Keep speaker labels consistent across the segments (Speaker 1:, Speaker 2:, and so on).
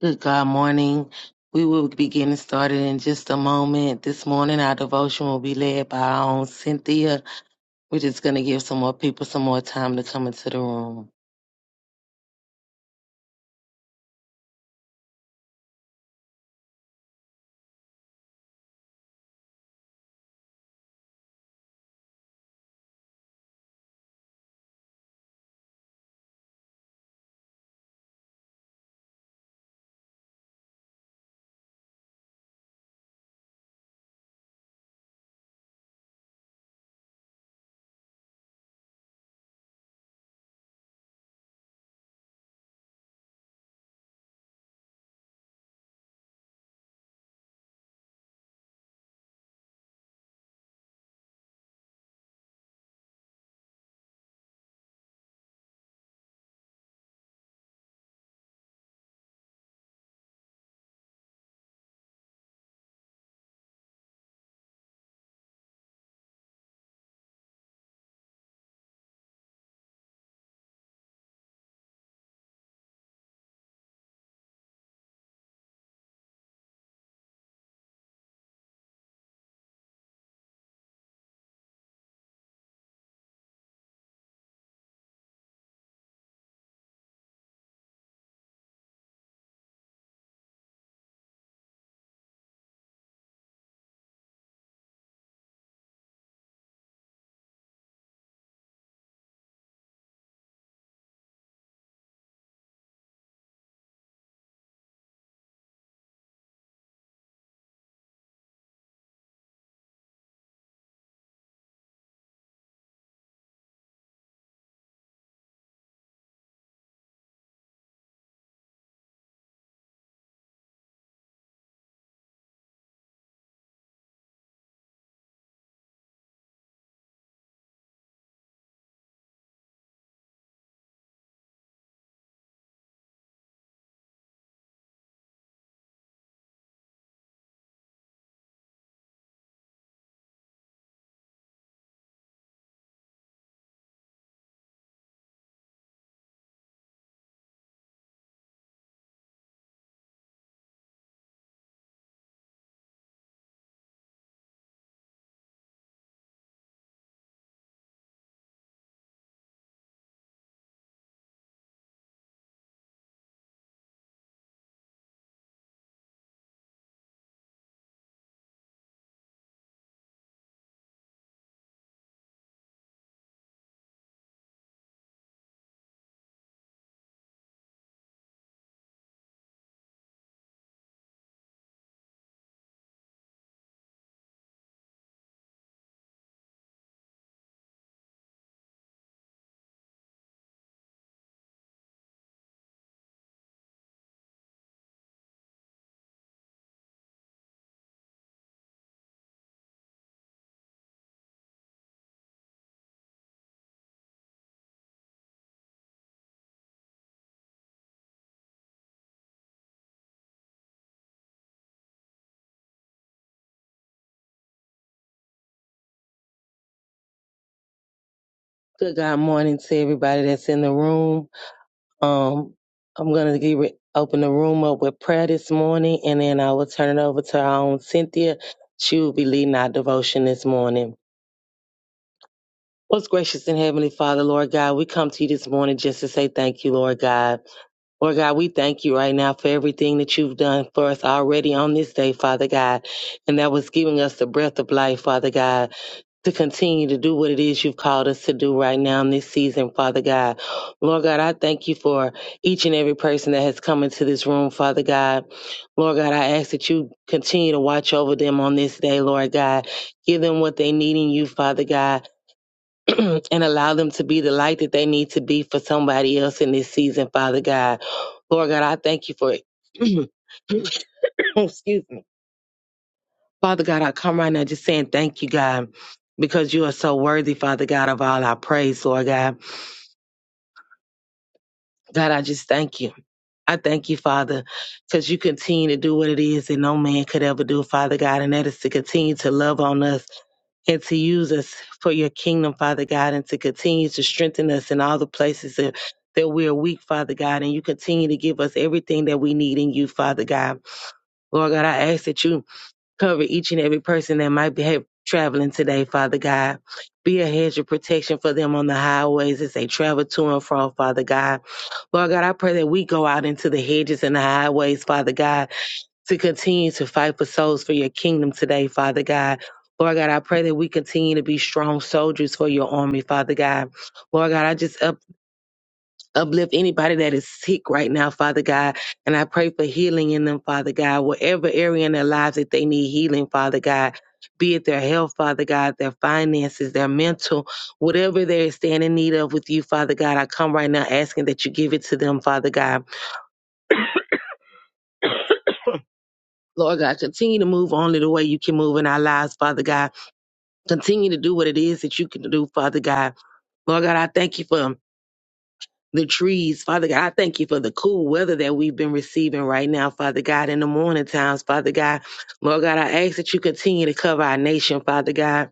Speaker 1: Good God morning. We will be getting started in just a moment. This morning, our devotion will be led by our own Cynthia. We're just going to give some more people some more time to come into the room. Good God morning to everybody that's in the room. Um, I'm going to give it, open the room up with prayer this morning, and then I will turn it over to our own Cynthia. She will be leading our devotion this morning. Most gracious and heavenly Father, Lord God, we come to you this morning just to say thank you, Lord God. Lord God, we thank you right now for everything that you've done for us already on this day, Father God. And that was giving us the breath of life, Father God, to continue to do what it is you've called us to do right now in this season, Father God. Lord God, I thank you for each and every person that has come into this room, Father God. Lord God, I ask that you continue to watch over them on this day, Lord God. Give them what they need in you, Father God. and allow them to be the light that they need to be for somebody else in this season, Father God. Lord God, I thank you for it. Excuse me. Father God, I come right now just saying thank you, God, because you are so worthy, Father God, of all our praise, Lord God. God, I just thank you. I thank you, Father, because you continue to do what it is that no man could ever do, Father God, and that is to continue to love on us and to use us for your kingdom, Father God, and to continue to strengthen us in all the places that, that we are weak, Father God, and you continue to give us everything that we need in you, Father God. Lord God, I ask that you cover each and every person that might be have, traveling today, Father God. Be a hedge of protection for them on the highways as they travel to and from, Father God. Lord God, I pray that we go out into the hedges and the highways, Father God, to continue to fight for souls for your kingdom today, Father God. Lord God, I pray that we continue to be strong soldiers for your army, Father God. Lord God, I just up, uplift anybody that is sick right now, Father God, and I pray for healing in them, Father God, whatever area in their lives that they need healing, Father God, be it their health, Father God, their finances, their mental, whatever they stand in need of with you, Father God, I come right now asking that you give it to them, Father God. Lord God, continue to move only the way you can move in our lives, Father God. Continue to do what it is that you can do, Father God. Lord God, I thank you for the trees, Father God. I thank you for the cool weather that we've been receiving right now, Father God, in the morning times, Father God. Lord God, I ask that you continue to cover our nation, Father God,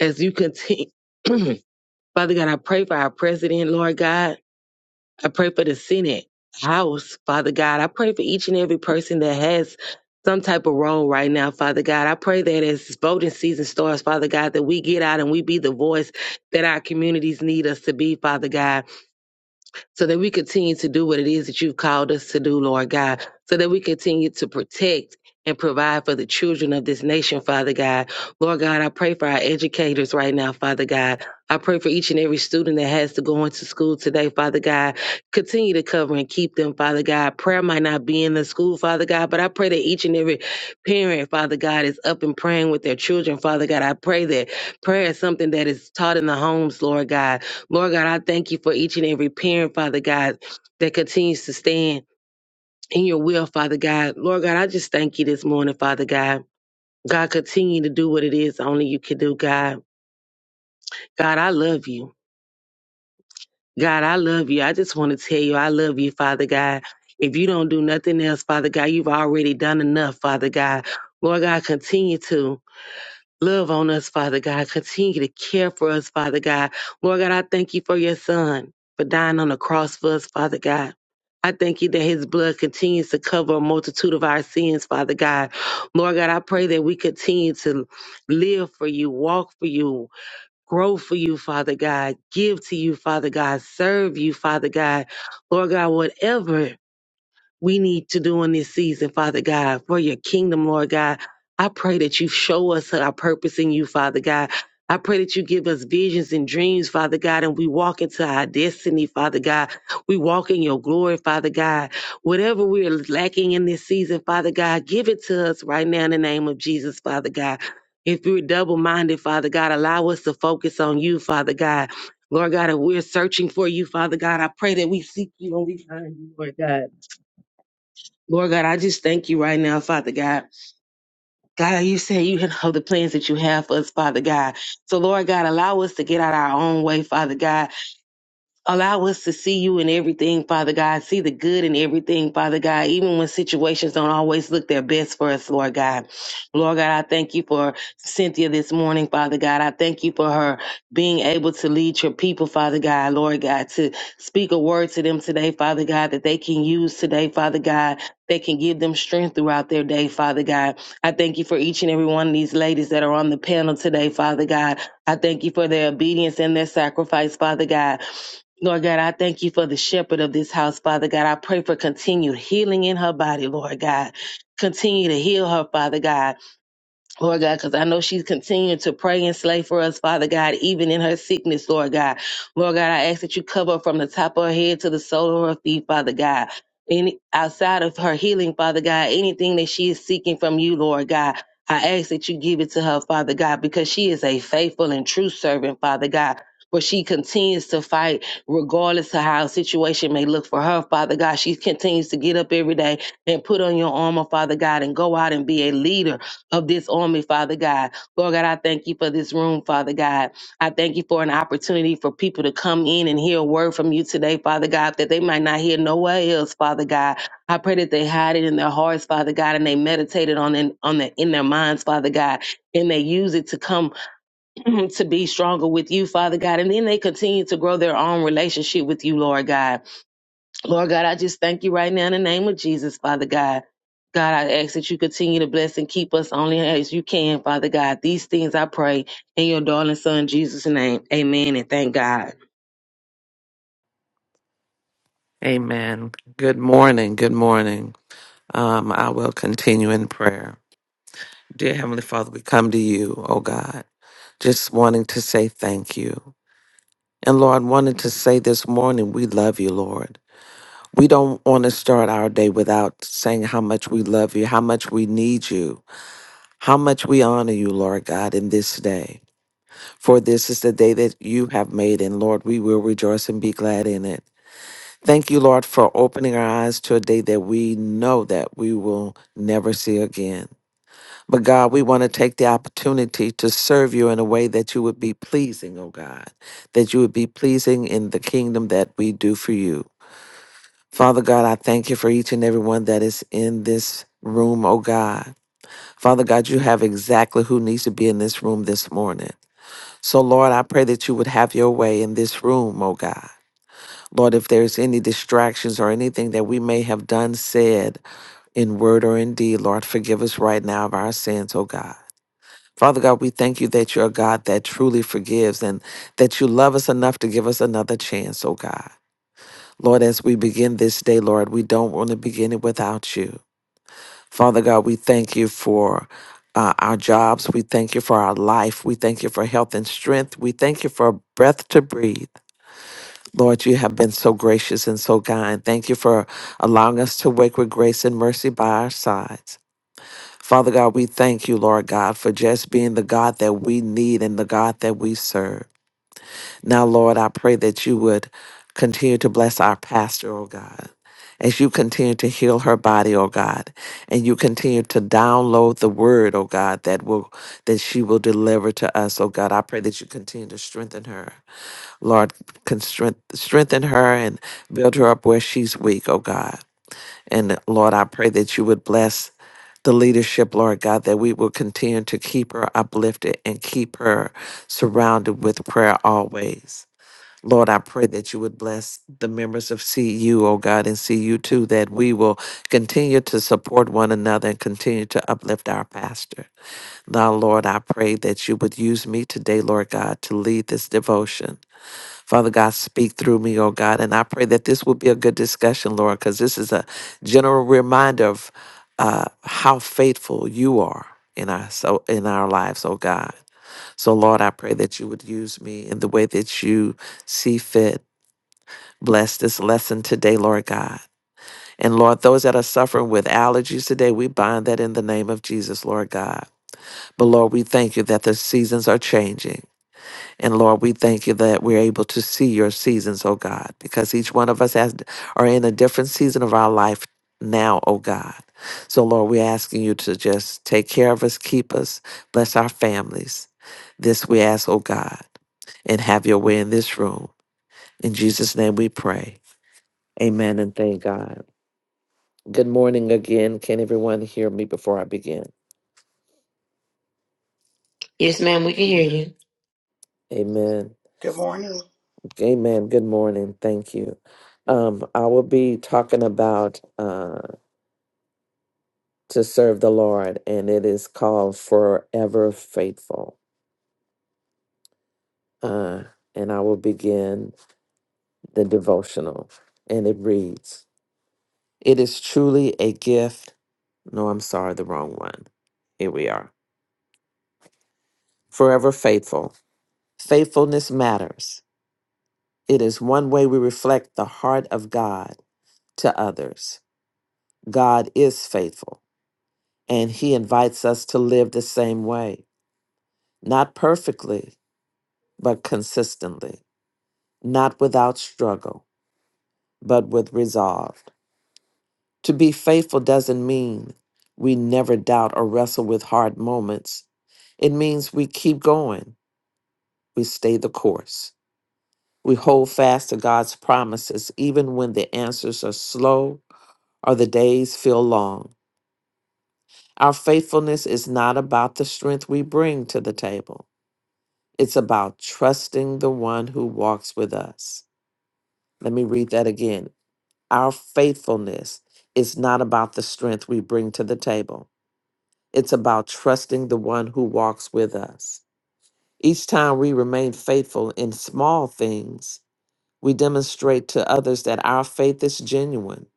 Speaker 1: as you continue. Father God, I pray for our president, Lord God. I pray for the Senate House, Father God. I pray for each and every person that has some type of role right now, Father God. I pray that as voting season starts, Father God, that we get out and we be the voice that our communities need us to be, Father God so that we continue to do what it is that you've called us to do, Lord God, so that we continue to protect and provide for the children of this nation, Father God. Lord God, I pray for our educators right now, Father God. I pray for each and every student that has to go into school today, Father God. Continue to cover and keep them, Father God. Prayer might not be in the school, Father God, but I pray that each and every parent, Father God, is up and praying with their children, Father God. I pray that prayer is something that is taught in the homes, Lord God Lord God, I thank you for each and every parent, Father God, that continues to stand in your will, Father God. Lord God, I just thank you this morning, Father God. God, continue to do what it is only you can do, God. God, I love you. God, I love you. I just want to tell you, I love you, Father God. If you don't do nothing else, Father God, you've already done enough, Father God. Lord God, continue to. Love on us, Father God. Continue to care for us, Father God. Lord God, I thank you for your son for dying on the cross for us, Father God. I thank you that his blood continues to cover a multitude of our sins, Father God. Lord God, I pray that we continue to live for you, walk for you, grow for you, Father God, give to you, Father God, serve you, Father God. Lord God, whatever we need to do in this season, Father God, for your kingdom, Lord God. I pray that you show us our purpose in you, Father God. I pray that you give us visions and dreams, Father God, and we walk into our destiny, Father God. We walk in your glory, Father God. Whatever we're lacking in this season, Father God, give it to us right now in the name of Jesus, Father God. If we're double minded, Father God, allow us to focus on you, Father God. Lord God, if we're searching for you, Father God, I pray that we seek you and we find you, Lord God. Lord God, I just thank you right now, Father God. God, you say you know the plans that you have for us, Father God. So, Lord God, allow us to get out our own way, Father God. Allow us to see you in everything, Father God. See the good in everything, Father God, even when situations don't always look their best for us, Lord God. Lord God, I thank you for Cynthia this morning, Father God. I thank you for her being able to lead your people, Father God, Lord God, to speak a word to them today, Father God, that they can use today, Father God. that can give them strength throughout their day, Father God. I thank you for each and every one of these ladies that are on the panel today, Father God. I thank you for their obedience and their sacrifice, Father God. Lord God, I thank you for the shepherd of this house, Father God. I pray for continued healing in her body, Lord God. Continue to heal her, Father God. Lord God, because I know she's continuing to pray and slay for us, Father God, even in her sickness, Lord God. Lord God, I ask that you cover her from the top of her head to the sole of her feet, Father God. Any outside of her healing, Father God, anything that she is seeking from you, Lord God. I ask that you give it to her, Father God, because she is a faithful and true servant, Father God. For she continues to fight regardless of how a situation may look for her, Father God. She continues to get up every day and put on your armor, Father God, and go out and be a leader of this on me, Father God. Lord God, I thank you for this room, Father God. I thank you for an opportunity for people to come in and hear a word from you today, Father God, that they might not hear nowhere else, Father God. I pray that they hide it in their hearts, Father God, and they meditate it on in, on the, in their minds, Father God, and they use it to come to be stronger with you, Father God, and then they continue to grow their own relationship with you, Lord God. Lord God, I just thank you right now in the name of Jesus, Father God. God, I ask that you continue to bless and keep us only as you can, Father God. These things I pray in your darling son Jesus' name. Amen and thank God.
Speaker 2: Amen. Good morning. Good morning. Um, I will continue in prayer. Dear Heavenly Father, we come to you, oh God, just wanting to say thank you. And Lord, wanted to say this morning, we love you, Lord. We don't want to start our day without saying how much we love you, how much we need you, how much we honor you, Lord God, in this day. For this is the day that you have made, and Lord, we will rejoice and be glad in it. Thank you, Lord, for opening our eyes to a day that we know that we will never see again. But God, we want to take the opportunity to serve you in a way that you would be pleasing, oh God, that you would be pleasing in the kingdom that we do for you. Father God, I thank you for each and every one that is in this room, oh God. Father God, you have exactly who needs to be in this room this morning. So, Lord, I pray that you would have your way in this room, oh God. Lord, if there's any distractions or anything that we may have done, said in word or in deed, Lord, forgive us right now of our sins, O God. Father God, we thank you that you're a God that truly forgives and that you love us enough to give us another chance, O God. Lord, as we begin this day, Lord, we don't want to begin it without you. Father God, we thank you for uh, our jobs. We thank you for our life. We thank you for health and strength. We thank you for a breath to breathe. Lord, you have been so gracious and so kind. Thank you for allowing us to wake with grace and mercy by our sides. Father God, we thank you, Lord God, for just being the God that we need and the God that we serve. Now, Lord, I pray that you would continue to bless our pastor, oh God, as you continue to heal her body, oh God, and you continue to download the word, oh God, that will that she will deliver to us, oh God. I pray that you continue to strengthen her. Lord, can strength, strengthen her and build her up where she's weak, oh God. And Lord, I pray that you would bless the leadership, Lord God, that we will continue to keep her uplifted and keep her surrounded with prayer always. Lord, I pray that you would bless the members of CU, oh God, and CU too, that we will continue to support one another and continue to uplift our pastor. Now, Lord, I pray that you would use me today, Lord God, to lead this devotion. Father God, speak through me, oh God. And I pray that this will be a good discussion, Lord, because this is a general reminder of uh, how faithful you are in our so in our lives, oh God. So Lord, I pray that you would use me in the way that you see fit. Bless this lesson today, Lord God. And Lord, those that are suffering with allergies today, we bind that in the name of Jesus, Lord God. But Lord, we thank you that the seasons are changing. And Lord, we thank you that we're able to see your seasons, oh God, because each one of us has, are in a different season of our life now, oh God. So, Lord, we're asking you to just take care of us, keep us, bless our families. This we ask, oh God, and have your way in this room. In Jesus' name we pray. Amen and thank God. Good morning again. Can everyone hear me before I begin?
Speaker 3: Yes, ma'am, we can hear you.
Speaker 2: Amen.
Speaker 4: Good morning.
Speaker 2: Amen. Good morning. Thank you. Um, I will be talking about. uh, to serve the Lord, and it is called Forever Faithful. Uh, and I will begin the devotional. And it reads It is truly a gift. No, I'm sorry, the wrong one. Here we are. Forever Faithful. Faithfulness matters. It is one way we reflect the heart of God to others. God is faithful, and He invites us to live the same way, not perfectly, but consistently. not without struggle, but with resolve. To be faithful doesn't mean we never doubt or wrestle with hard moments. It means we keep going, we stay the course. We hold fast to God's promises even when the answers are slow or the days feel long. Our faithfulness is not about the strength we bring to the table. It's about trusting the one who walks with us. Let me read that again. Our faithfulness is not about the strength we bring to the table, it's about trusting the one who walks with us. Each time we remain faithful in small things, we demonstrate to others that our faith is genuine,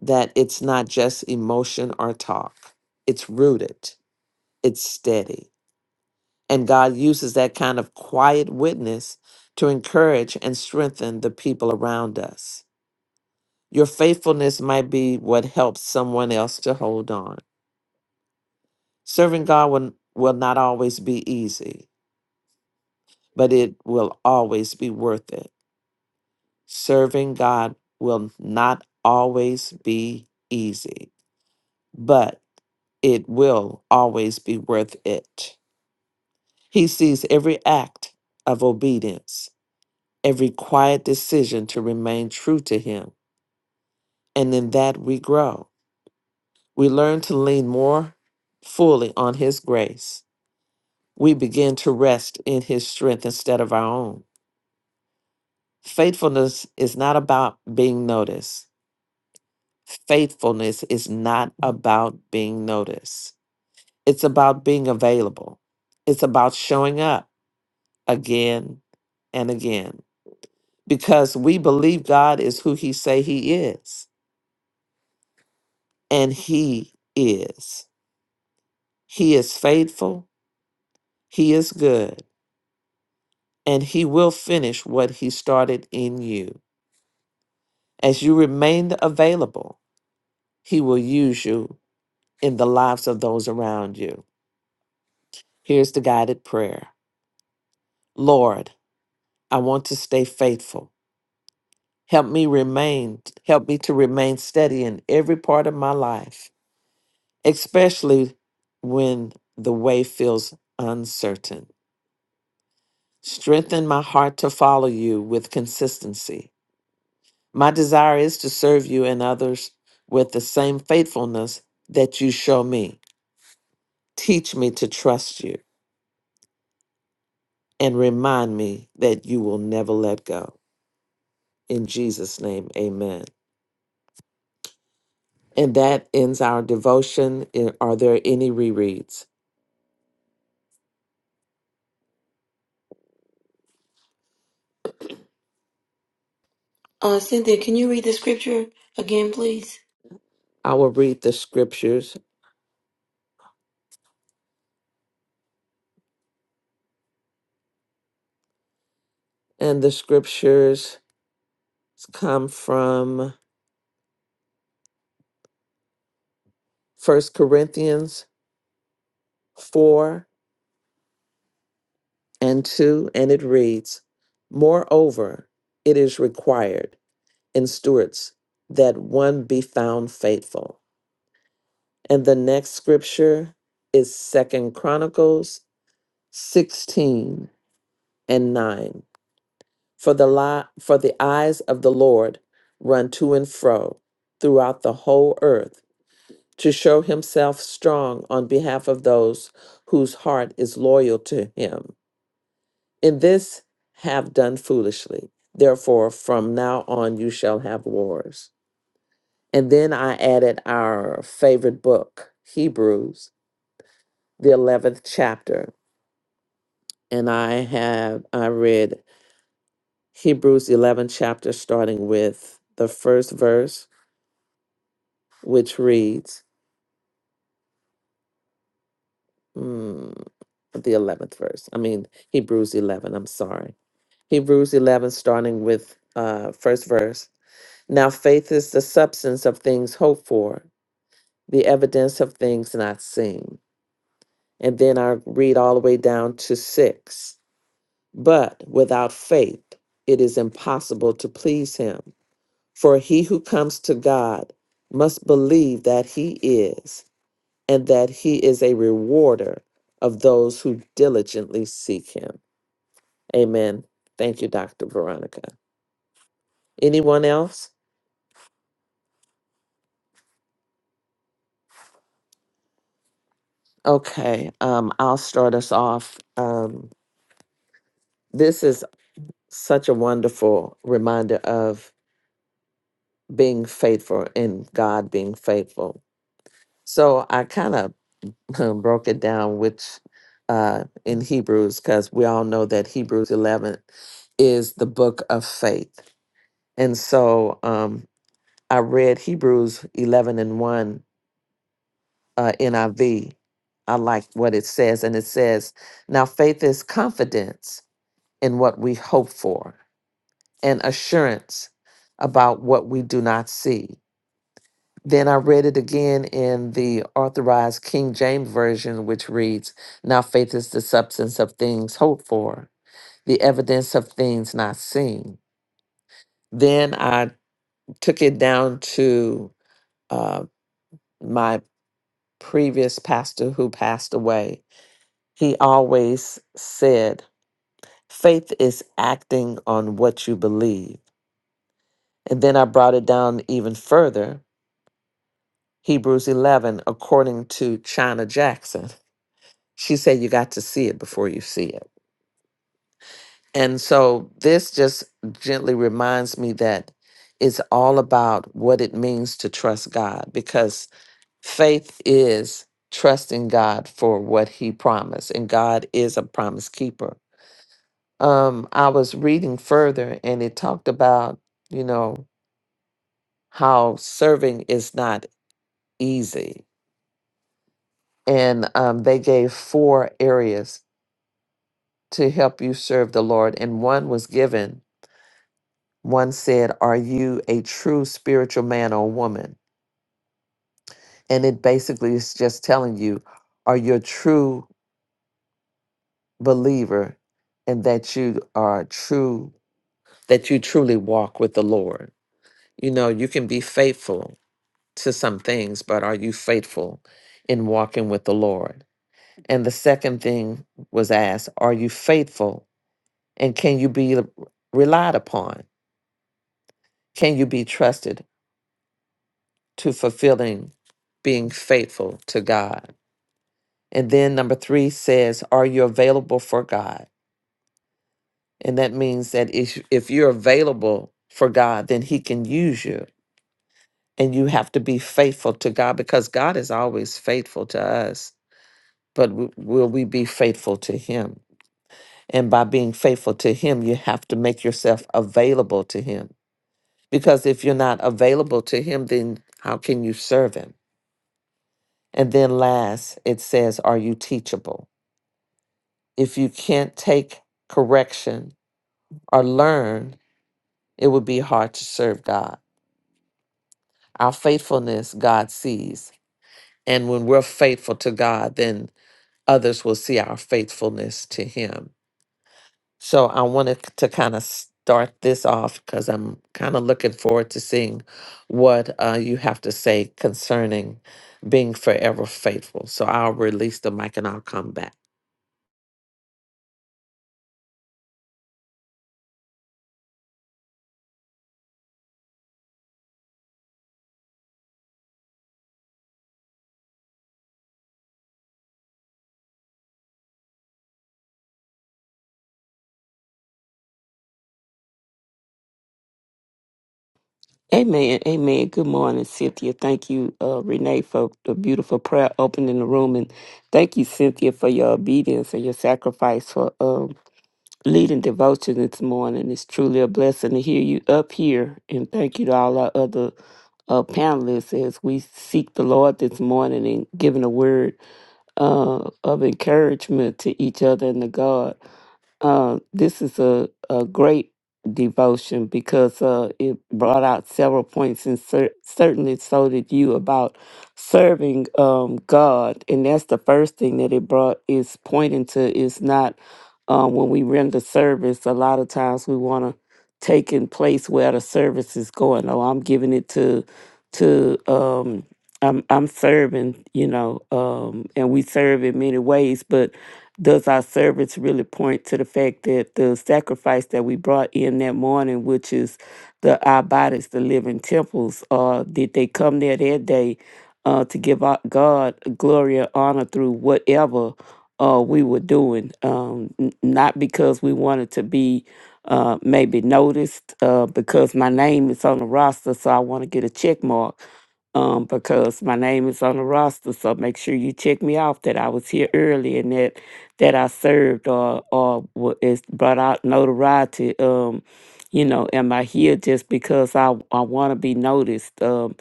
Speaker 2: that it's not just emotion or talk, it's rooted, it's steady. And God uses that kind of quiet witness to encourage and strengthen the people around us. Your faithfulness might be what helps someone else to hold on. Serving God will, will not always be easy, but it will always be worth it. Serving God will not always be easy, but it will always be worth it. He sees every act of obedience, every quiet decision to remain true to Him, and in that we grow. We learn to lean more fully on His grace we begin to rest in his strength instead of our own. Faithfulness is not about being noticed. Faithfulness is not about being noticed. It's about being available. It's about showing up again and again because we believe God is who he say he is and he is. He is faithful, he is good, and he will finish what he started in you as you remain available He will use you in the lives of those around you. Here's the guided prayer Lord, I want to stay faithful. Help me remain, help me to remain steady in every part of my life, especially when the way feels uncertain. Strengthen my heart to follow you with consistency. My desire is to serve you and others with the same faithfulness that you show me. Teach me to trust you and remind me that you will never let go. In Jesus' name, amen. And that ends our devotion. I- Are there any rereads?
Speaker 3: Uh, Cynthia, can you read the scripture again, please?
Speaker 2: I will read the scriptures, and the scriptures come from First Corinthians 4 and 2, and it reads Moreover, it is required in stewards that one be found faithful. And the next scripture is Second Chronicles 16 and 9 for the li- for the eyes of the lord run to and fro throughout the whole earth to show himself strong on behalf of those whose heart is loyal to him in this have done foolishly therefore from now on you shall have wars and then i added our favorite book hebrews the 11th chapter and i have i read Hebrews 11 chapter, starting with the first verse, which reads, mm, the 11th verse. I mean, Hebrews 11, I'm sorry. Hebrews 11, starting with uh, first verse. Now faith is the substance of things hoped for, the evidence of things not seen. And then I read all the way down to six. But without faith, it is impossible to please him. For he who comes to God must believe that he is, and that he is a rewarder of those who diligently seek him. Amen. Thank you, Dr. Veronica. Anyone else? Okay, um, I'll start us off. Um, this is such a wonderful reminder of being faithful and God being faithful. So I kind of broke it down, which uh, in Hebrews, because we all know that Hebrews 11 is the book of faith. And so um, I read Hebrews 11 and 1 uh, NIV. I V. I like what it says. And it says, Now faith is confidence in what we hope for and assurance about what we do not see. Then I read it again in the authorized King James Version, which reads, Now faith is the substance of things hoped for, the evidence of things not seen. Then I took it down to uh, my previous pastor who passed away. He always said, Faith is acting on what you believe. And then I brought it down even further, Hebrews 11, according to China Jackson. She said you got to see it before you see it. And so this just gently reminds me that it's all about what it means to trust God because faith is trusting God for what he promised and God is a promise keeper. Um I was reading further and it talked about, you know, how serving is not easy. And um, they gave four areas to help you serve the Lord and one was given One said, Are you a true spiritual man or woman? And it basically is just telling you, Are you a true believer and that you are true, that you truly walk with the Lord? You know, you can be faithful to some things, but are you faithful in walking with the Lord? And the second thing was asked, Are you faithful and can you be relied upon? Can you be trusted to fulfilling being faithful to God? And then number three says, Are you available for God? And that means that if, if you're available for God, then He can use you. And you have to be faithful to God because God is always faithful to us. But w- will we be faithful to Him? And by being faithful to Him, you have to make yourself available to Him. Because if you're not available to Him, then how can you serve Him? And then last, it says, Are you teachable? If you can't take correction or learn, it would be hard to serve God. Our faithfulness, God sees. And when we're faithful to God, then others will see our faithfulness to Him. So I wanted to kind of start this off because I'm kind of looking forward to seeing what uh, you have to say concerning being forever faithful. So I'll release the mic and I'll come back.
Speaker 5: Amen. Amen. Good morning, Cynthia. Thank you, uh, Renee, for the beautiful prayer opening the room. And thank you, Cynthia, for your obedience and your sacrifice for um, leading devotion this morning. It's truly a blessing to hear you up here. And thank you to all our other uh, panelists as we seek the Lord this morning and giving a word uh, of encouragement to each other and to God. Uh, this is a, a great devotion because uh, it brought out several points, and cer- certainly so did you about serving um, God. And that's the first thing that it brought is pointing to is not um, when we render service, a lot of times we want to take in place where the service is going. Oh, I'm giving it to, to, um, I'm, I'm serving, you know, um, and we serve in many ways, but does our service really point to the fact that the sacrifice that we brought in that morning, which is the our bodies, the living temples, uh, did they come there that day uh, to give our God glory and honor through whatever uh, we were doing? Um, n- not because we wanted to be uh, maybe noticed, uh, because my name is on the roster, so I want to get a check mark um, because my name is on the roster. So make sure you check me off that I was here early and that that I served or or wa- it's brought out notoriety. Um, you know, am I here just because I I want to be noticed? Um,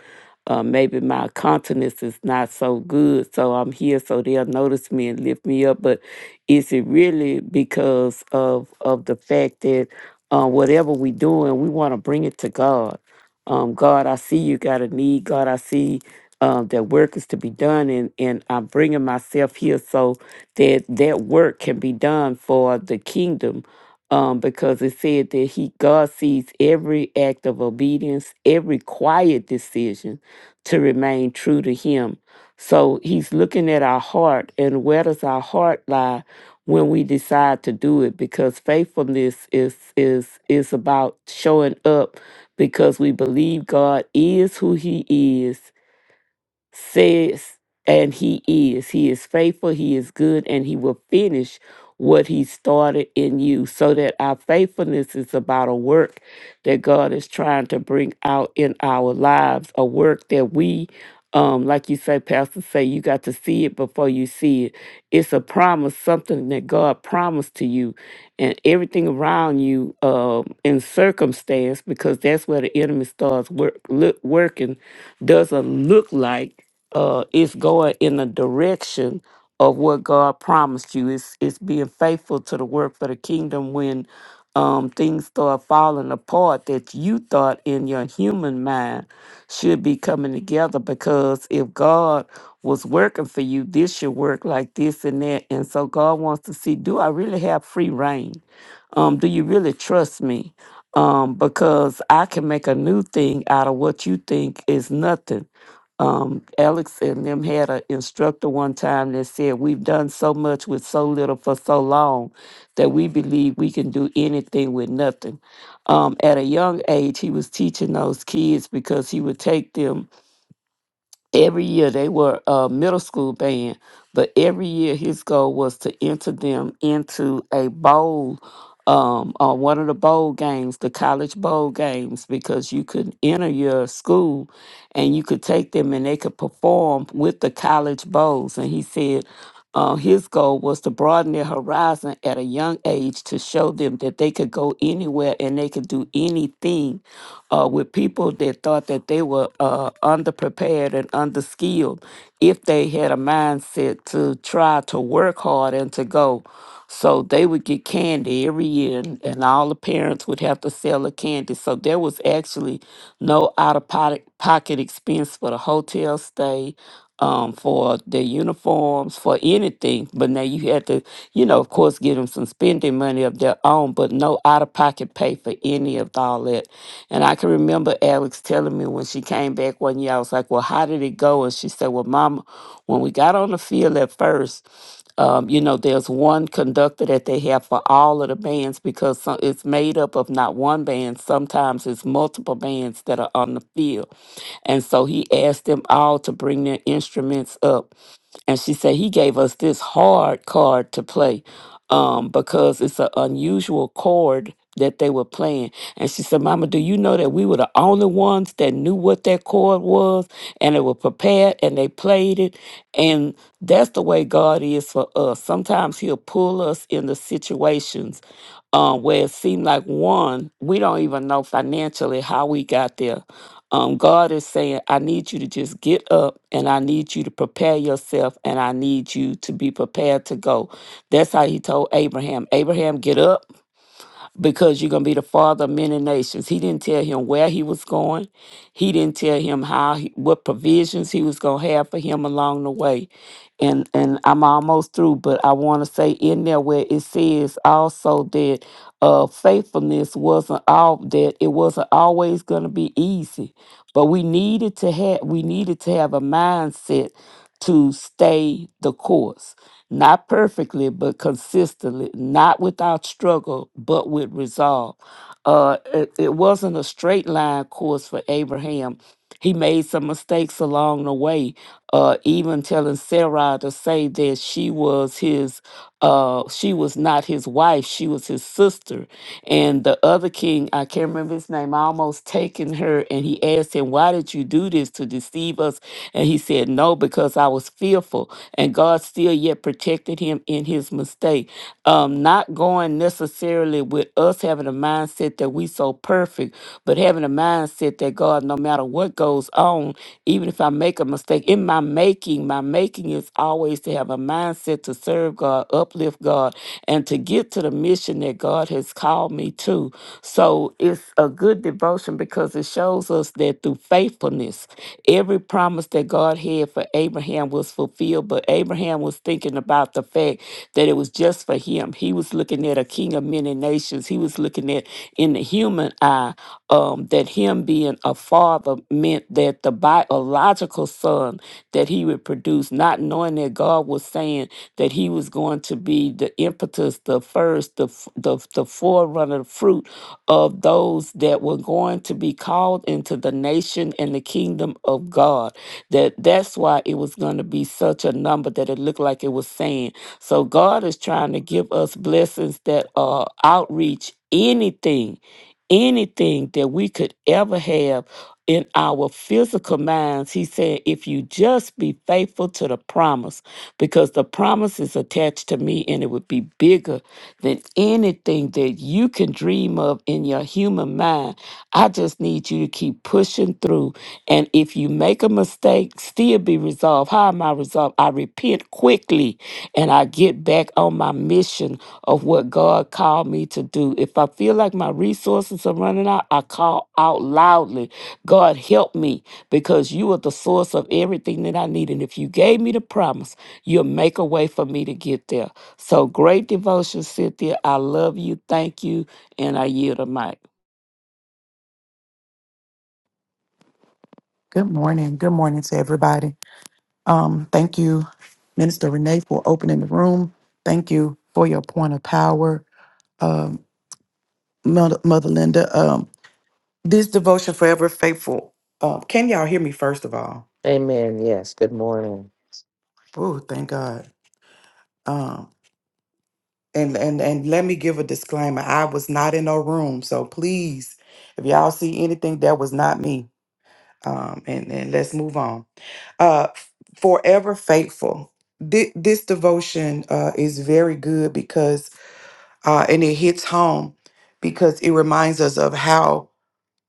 Speaker 5: uh, maybe my countenance is not so good, so I'm here so they'll notice me and lift me up. But is it really because of of the fact that uh, whatever we doing, we want to bring it to God? Um, God, I see you got a need. God, I see um, that work is to be done, and and I'm bringing myself here so that that work can be done for the kingdom um, because it said that he God sees every act of obedience, every quiet decision to remain true to him. So he's looking at our heart and where does our heart lie when we decide to do it because faithfulness is is is about showing up because we believe God is who he is says, and he is. He is faithful, he is good, and he will finish what he started in you. So that our faithfulness is about a work that God is trying to bring out in our lives, a work that we um, like you say, Pastor say, you got to see it before you see it. It's a promise, something that God promised to you, and everything around you um, in circumstance, because that's where the enemy starts work, look, working doesn't look like uh, it's going in the direction of what God promised you. It's it's being faithful to the work for the kingdom when um, things start falling apart that you thought in your human mind should be coming together. Because if God was working for you, this should work like this and that. And so God wants to see, do I really have free reign? Um, do you really trust me? um, because I can make a new thing out of what you think is nothing. Um, Alex and them had an instructor one time that said, We've done so much with so little for so long that we believe we can do anything with nothing. Um, at a young age, he was teaching those kids because he would take them every year they were a middle school band, but every year his goal was to enter them into a bowl, um, on one of the bowl games, the college bowl games, because you could enter your school and you could take them and they could perform with the college bowls. And he said uh, his goal was to broaden their horizon at a young age to show them that they could go anywhere and they could do anything uh, with people that thought that they were uh, underprepared and underskilled if they had a mindset to try to work hard and to go. So they would get candy every year, and, and all the parents would have to sell the candy. So there was actually no out of pocket expense for the hotel stay um, for their uniforms, for anything. But now you had to, you know, of course, give them some spending money of their own, but no out of pocket pay for any of all that. And I can remember Alex telling me when she came back one year, I was like, Well, how did it go? And she said, Well, Mama, when we got on the field at first, um, you know, there's one conductor that they have for all of the bands because some, it's made up of not one band. Sometimes it's multiple bands that are on the field. And so he asked them all to bring their instruments up and she said he gave us this hard card to play um, because it's an unusual chord that they were playing. And she said, Mama, do you know that we were the only ones that knew what that chord was and they were prepared and they played it? And that's the way God is for us. Sometimes He'll pull us into situations uh, where it seemed like one, we don't even know financially how we got there um, God is saying, I need you to just get up and I need you to prepare yourself and I need you to be prepared to go. That's how he told Abraham, Abraham, get up because you're going to be the father of many nations. He didn't tell him where he was going. He didn't tell him how he, what provisions he was going to have for him along the way. And and I'm almost through, but I want to say in there where it says also that uh faithfulness wasn't all that it wasn't always going to be easy, but we needed to have we needed to have a mindset to stay the course not perfectly, but consistently, not without struggle, but with resolve. Uh, it, it wasn't a straight line course for Abraham. He made some mistakes along the way, uh, even telling Sarah to say that she was his uh, she was not his wife, she was his sister. And the other king, I can't remember his name, I almost taken her and he asked him, Why did you do this to deceive us? And he said, No, because I was fearful. And God still yet protected him in his mistake. Um, not going necessarily with us having a mindset that we so perfect, but having a mindset that God, no matter what goes on, even if I make a mistake, in my making, my making is always to have a mindset to serve God, uplift God, and to get to the mission that God has called me to. So it's a good devotion because it shows us that through faithfulness Every promise that God had for Abraham was fulfilled, but Abraham was thinking about the fact that it was just for him. He was looking at a king of many nations. He was looking at, in the human eye, um, that him being a father meant that the biological son that he would produce, not knowing that God was saying that he was going to be the impetus, the first, the f- the, the forerunner, fruit of those that were going to be called into the nation and the kingdom of God. That that's why it was going to be such a number that it looked like it was saying. So God is trying to give us blessings that uh outreach anything, anything that we could ever have in our physical minds. He said, if you just be faithful to the promise, because the promise is attached to me and it would be bigger than anything that you can dream of in your human mind. I just need you to keep pushing through. And if you make a mistake, still be resolved. How am I resolved? I repent quickly and I get back on my mission of what God called me to do. If I feel like my resources are running out, I call out loudly, God, help me because you are the source of everything that I need. And if you gave me the promise, you'll make a way for me to get there. So great devotion, Cynthia. I love you. Thank you. And I yield a mic.
Speaker 6: Good morning. Good morning to everybody. Um, thank you, Minister Renee, for opening the room. Thank you for your point of power, um, Mother, Mother Linda. Um, this devotion forever faithful. Uh, can y'all hear me? First of all,
Speaker 2: Amen. Yes. Good morning.
Speaker 6: oh, thank God. Um, and and and let me give a disclaimer. I was not in no room, so please, if y'all see anything, that was not me. Um, and and let's move on. uh forever faithful Thi- this devotion uh is very good because uh and it hits home because it reminds us of how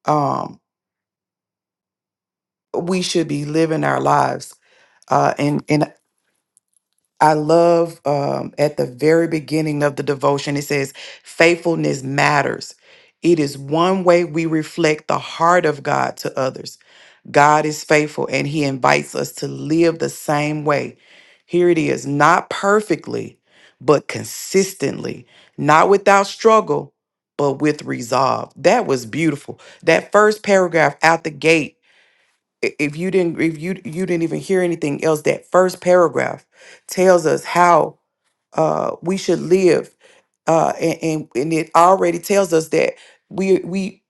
Speaker 6: um we should be living our lives uh and and I love um, at the very beginning of the devotion, it says, faithfulness matters. It is one way we reflect the heart of God to others. God is faithful and he invites us to live the same way. Here it is, not perfectly, but consistently, not without struggle, but with resolve. That was beautiful. That first paragraph out the gate i- if you didn't if you you didn't even hear anything else that first paragraph tells us how uh we should live uh and and, and it already tells us that we we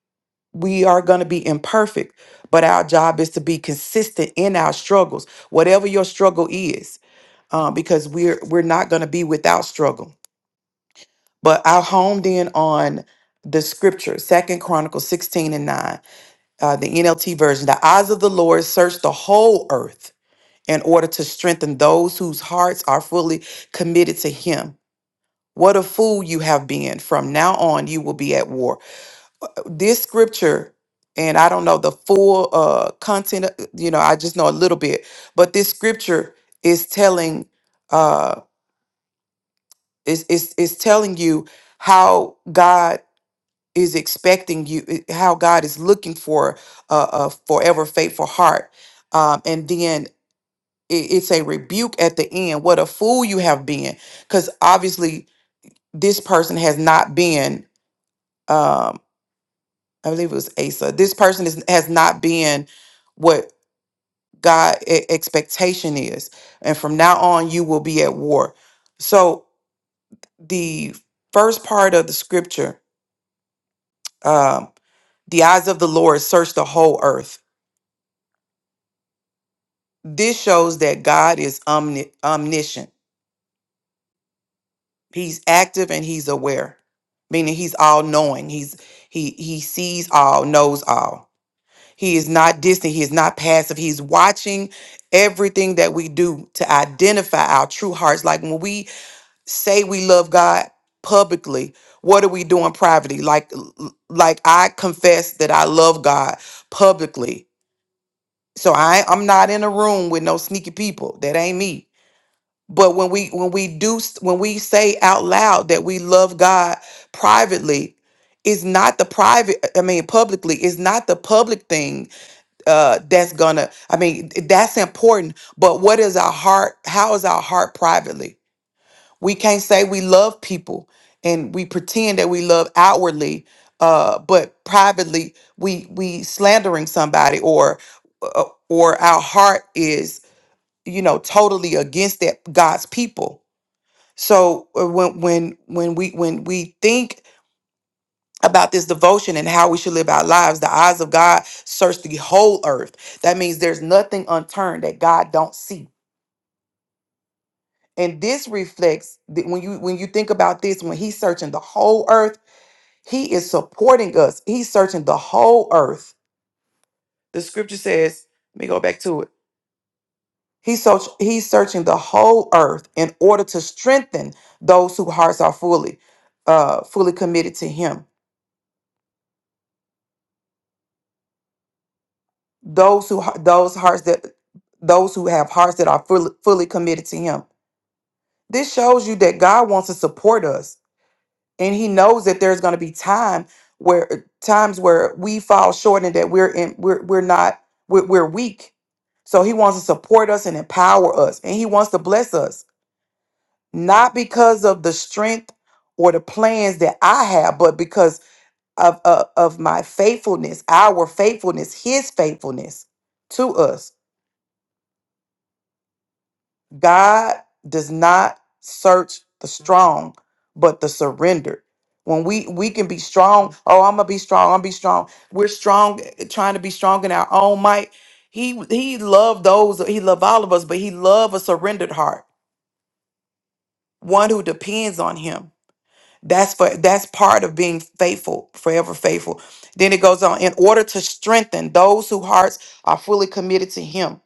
Speaker 6: we are going to be imperfect but our job is to be consistent in our struggles whatever your struggle is uh, because we're we're not going to be without struggle but i homed in on the scripture second chronicles 16 and 9 uh, the nlt version the eyes of the lord search the whole earth in order to strengthen those whose hearts are fully committed to Him. What a fool you have been. From now on, you will be at war. Uh, This scripture, and I don't know the full uh, content, uh, you know, I just know a little bit, but this scripture is telling uh, is, is, is telling you how God is expecting you, i- how God is looking for a, a forever faithful heart. Um, and then it- it's a rebuke at the end what a fool you have been because obviously this person has not been um i believe it was asa this person is, has not been what god e- expectation is and from now on you will be at war so the first part of the scripture um the eyes of the lord search the whole earth this shows that god is omni- omniscient He's active and he's aware, meaning he's all knowing. He's he he sees all, knows all. He is not distant, he is not passive. He's watching everything that we do to identify our true hearts. Like when we say we love God publicly, what are we doing privately? Like like I confess that I love God publicly. So I I'm not in a room with no sneaky people. That ain't me but when we when we do when we say out loud that we love god privately it's not the private i mean publicly it's not the public thing uh that's gonna i mean that's important but what is our heart how is our heart privately we can't say we love people and we pretend that we love outwardly uh but privately we we slandering somebody or uh, or our heart is you know totally against that god's people so uh, when when when we when we think about this devotion and how we should live our lives, the eyes of God search the whole earth. That means there's nothing unturned that God don't see. And this reflects that when you when you think about this, when He's searching the whole earth, He is supporting us. He's searching the whole earth. The scripture says, let me go back to it. He search, he's searching the whole earth in order to strengthen those whose hearts are fully, uh, fully committed to him. those who those hearts that those who have hearts that are fully, fully committed to him this shows you that god wants to support us and he knows that there's going to be time where times where we fall short and that we're in we're, we're not we're, we're weak so he wants to support us and empower us and he wants to bless us not because of the strength or the plans that i have but because of, of of my faithfulness our faithfulness his faithfulness to us God does not search the strong, but the surrendered. When we we can be strong, oh, I'm gonna be strong, I'm be strong. We're strong, trying to be strong in our own might. He he loved those, he loved all of us, but he loved a surrendered heart, one who depends on him. That's for that's part of being faithful, forever faithful. Then it goes on, in order to strengthen those whose hearts are fully committed to him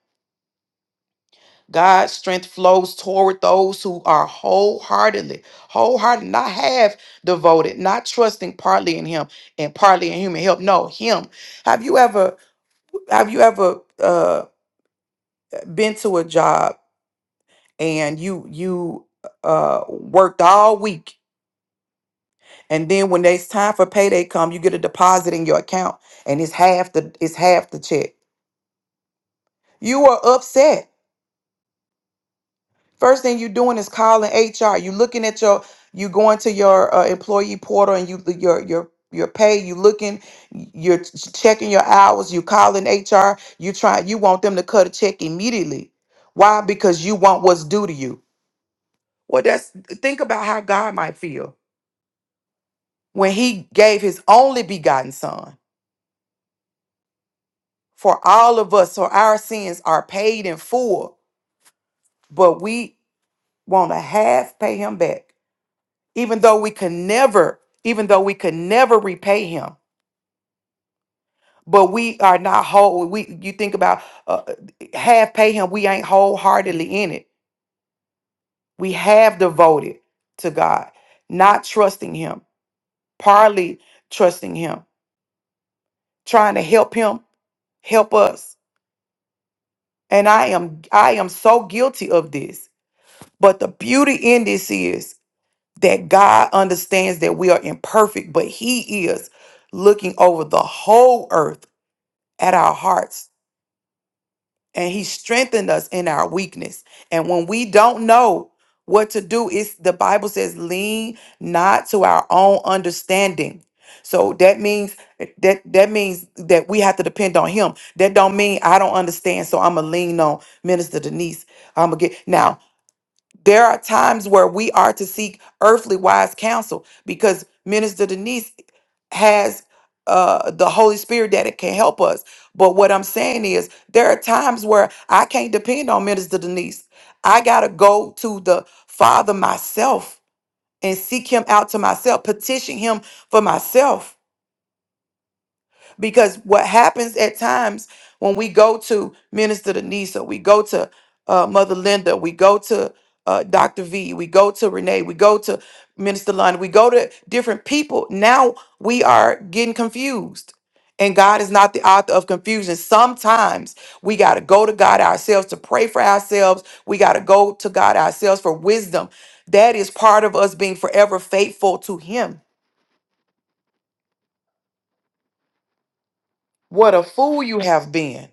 Speaker 6: God's strength flows toward those who are wholeheartedly, wholehearted, not half devoted, not trusting partly in Him and partly in human help. No, Him. Have you ever, have you ever uh, been to a job and you you uh, worked all week, and then when it's time for payday come, you get a deposit in your account, and it's half the it's half the check. You are upset First thing you're doing is calling HR. You looking at your, you going to your uh, employee portal and you your your your pay. You looking, you're ch- checking your hours. You calling HR. You try. You want them to cut a check immediately. Why? Because you want what's due to you. Well, that's think about how God might feel when He gave His only begotten Son for all of us, so our sins are paid in full. But we want to half pay Him back even though we could never, even though we could never repay him, but we are not whole. We you think about uh, uh, half pay him, we ain't wholeheartedly in it. We have devoted to God, not trusting him, partly trusting him, trying to help him help us. And I am I am so guilty of this. But the beauty in this is that God understands that we are imperfect, but he is looking over the whole earth at our hearts and he strengthened us in our weakness. And when we don't know what to do, it's the Bible says, lean not to our own understanding. So that means that that means that we have to depend on him. That don't mean I don't understand, so I'm gonna lean on Minister Denise. I'm gonna get now. There are times where we are to seek earthly wise counsel because Minister Denise has uh, the Holy Spirit that it can help us. But what I'm saying is, there are times where I can't depend on Minister Denise. I got to go to the Father myself and seek Him out to myself, petition Him for myself because what happens at times when we go to Minister Denisa, we go to uh, Mother Linda, we go to uh, Dr. V, we go to Renee, we go to Minister Lund, we go to different people. Now we are getting confused. And God is not the author of confusion. Sometimes we got to go to God ourselves to pray for ourselves. We got to go to God ourselves for wisdom. That is part of us being forever faithful to Him. What a fool you have been.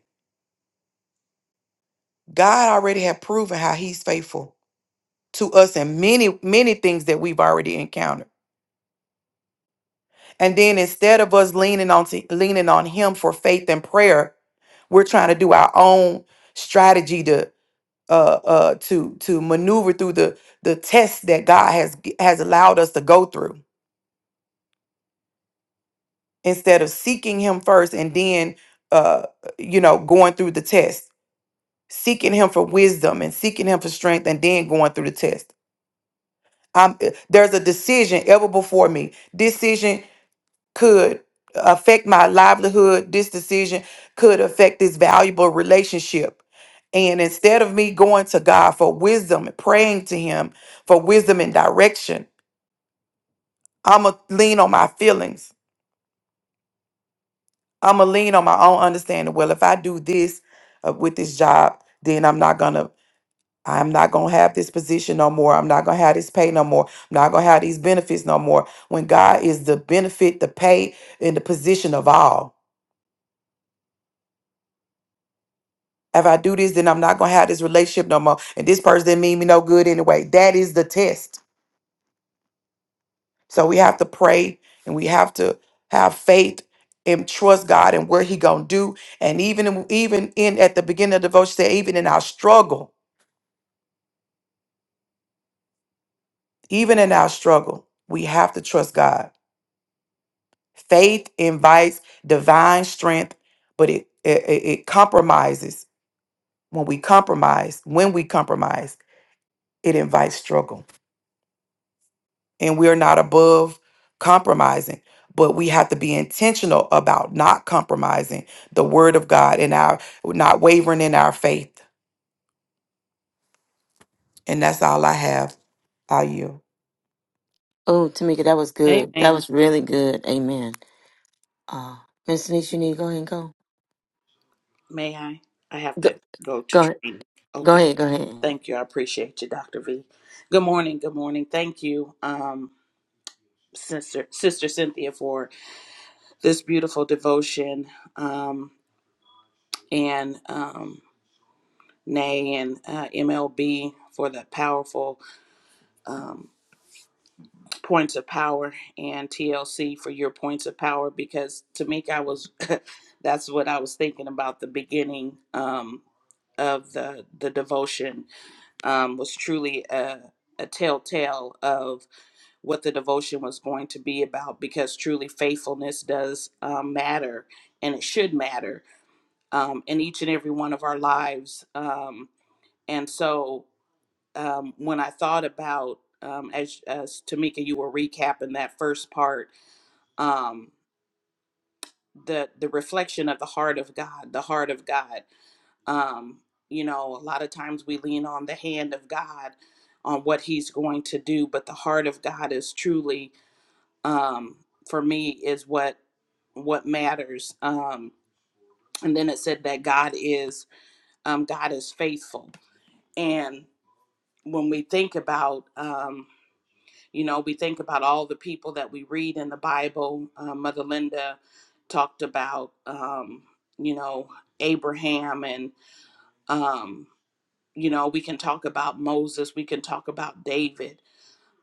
Speaker 6: God already had proven how he's faithful to us in many, many things that we've already encountered. And then instead of us leaning on to, leaning on him for faith and prayer, we're trying to do our own strategy to uh uh to to maneuver through the the tests that God has has allowed us to go through instead of seeking him first and then uh you know going through the test seeking him for wisdom and seeking him for strength and then going through the test I'm, there's a decision ever before me. Decision could affect my livelihood. This decision could affect this valuable relationship. And instead of me going to God for wisdom and praying to Him for wisdom and direction, I'm going to lean on my feelings. I'm going to lean on my own understanding. Well, if I do this uh, with this job, then I'm not going to. I'm not going to have this position no more. I'm not going to have this pay no more. I'm not going to have these benefits no more. When God is the benefit, the pay, and the position of all. If I do this, then I'm not going to have this relationship no more. And this person didn't mean me no good anyway. That is the test. So we have to pray and we have to have faith and trust God and what he going to do. And even, in- even in, at the beginning of the devotion, say, even in our struggle, even in our struggle, we have to trust God Faith invites divine strength, but it, it it it compromises. When we compromise, when we compromise, it invites struggle. And we are not above compromising, but we have to be intentional about not compromising the word of God and our not wavering in our faith. And that's all I have. I you.
Speaker 3: Oh, Tamika, that was good. That
Speaker 4: Amen.
Speaker 3: was really good. Amen. Uh, Minister Denise, you need to go ahead and go.
Speaker 4: May I? I have
Speaker 3: Go,
Speaker 4: to go to
Speaker 3: go,
Speaker 4: church.
Speaker 3: ahead. go
Speaker 4: Okay.
Speaker 3: ahead, go ahead.
Speaker 4: Thank you. I appreciate you, Dr. V. Good morning. Good morning. Thank you, um, Sister Sister Cynthia, for this beautiful devotion, um, and um, Nay and uh, MLB for the powerful um, points of power, and TLC for your points of power. Because Tamika, I was that's what I was thinking about the beginning um, of the the devotion um, was truly a, a telltale of what the devotion was going to be about because truly faithfulness does um, matter and it should matter um, in each and every one of our lives. Um, and so um, when I thought about, um, as, as Tamika, you were recapping that first part, um, the, the reflection of the heart of God, the heart of God. Um, you know, a lot of times we lean on the hand of God on what He's going to do, but the heart of God is truly, um, for me, is what what matters. Um, and then it said that God is um, God is faithful, and when we think about um, you know we think about all the people that we read in the Bible, uh, Mother Linda talked about um, you know Abraham and um, you know we can talk about moses we can talk about david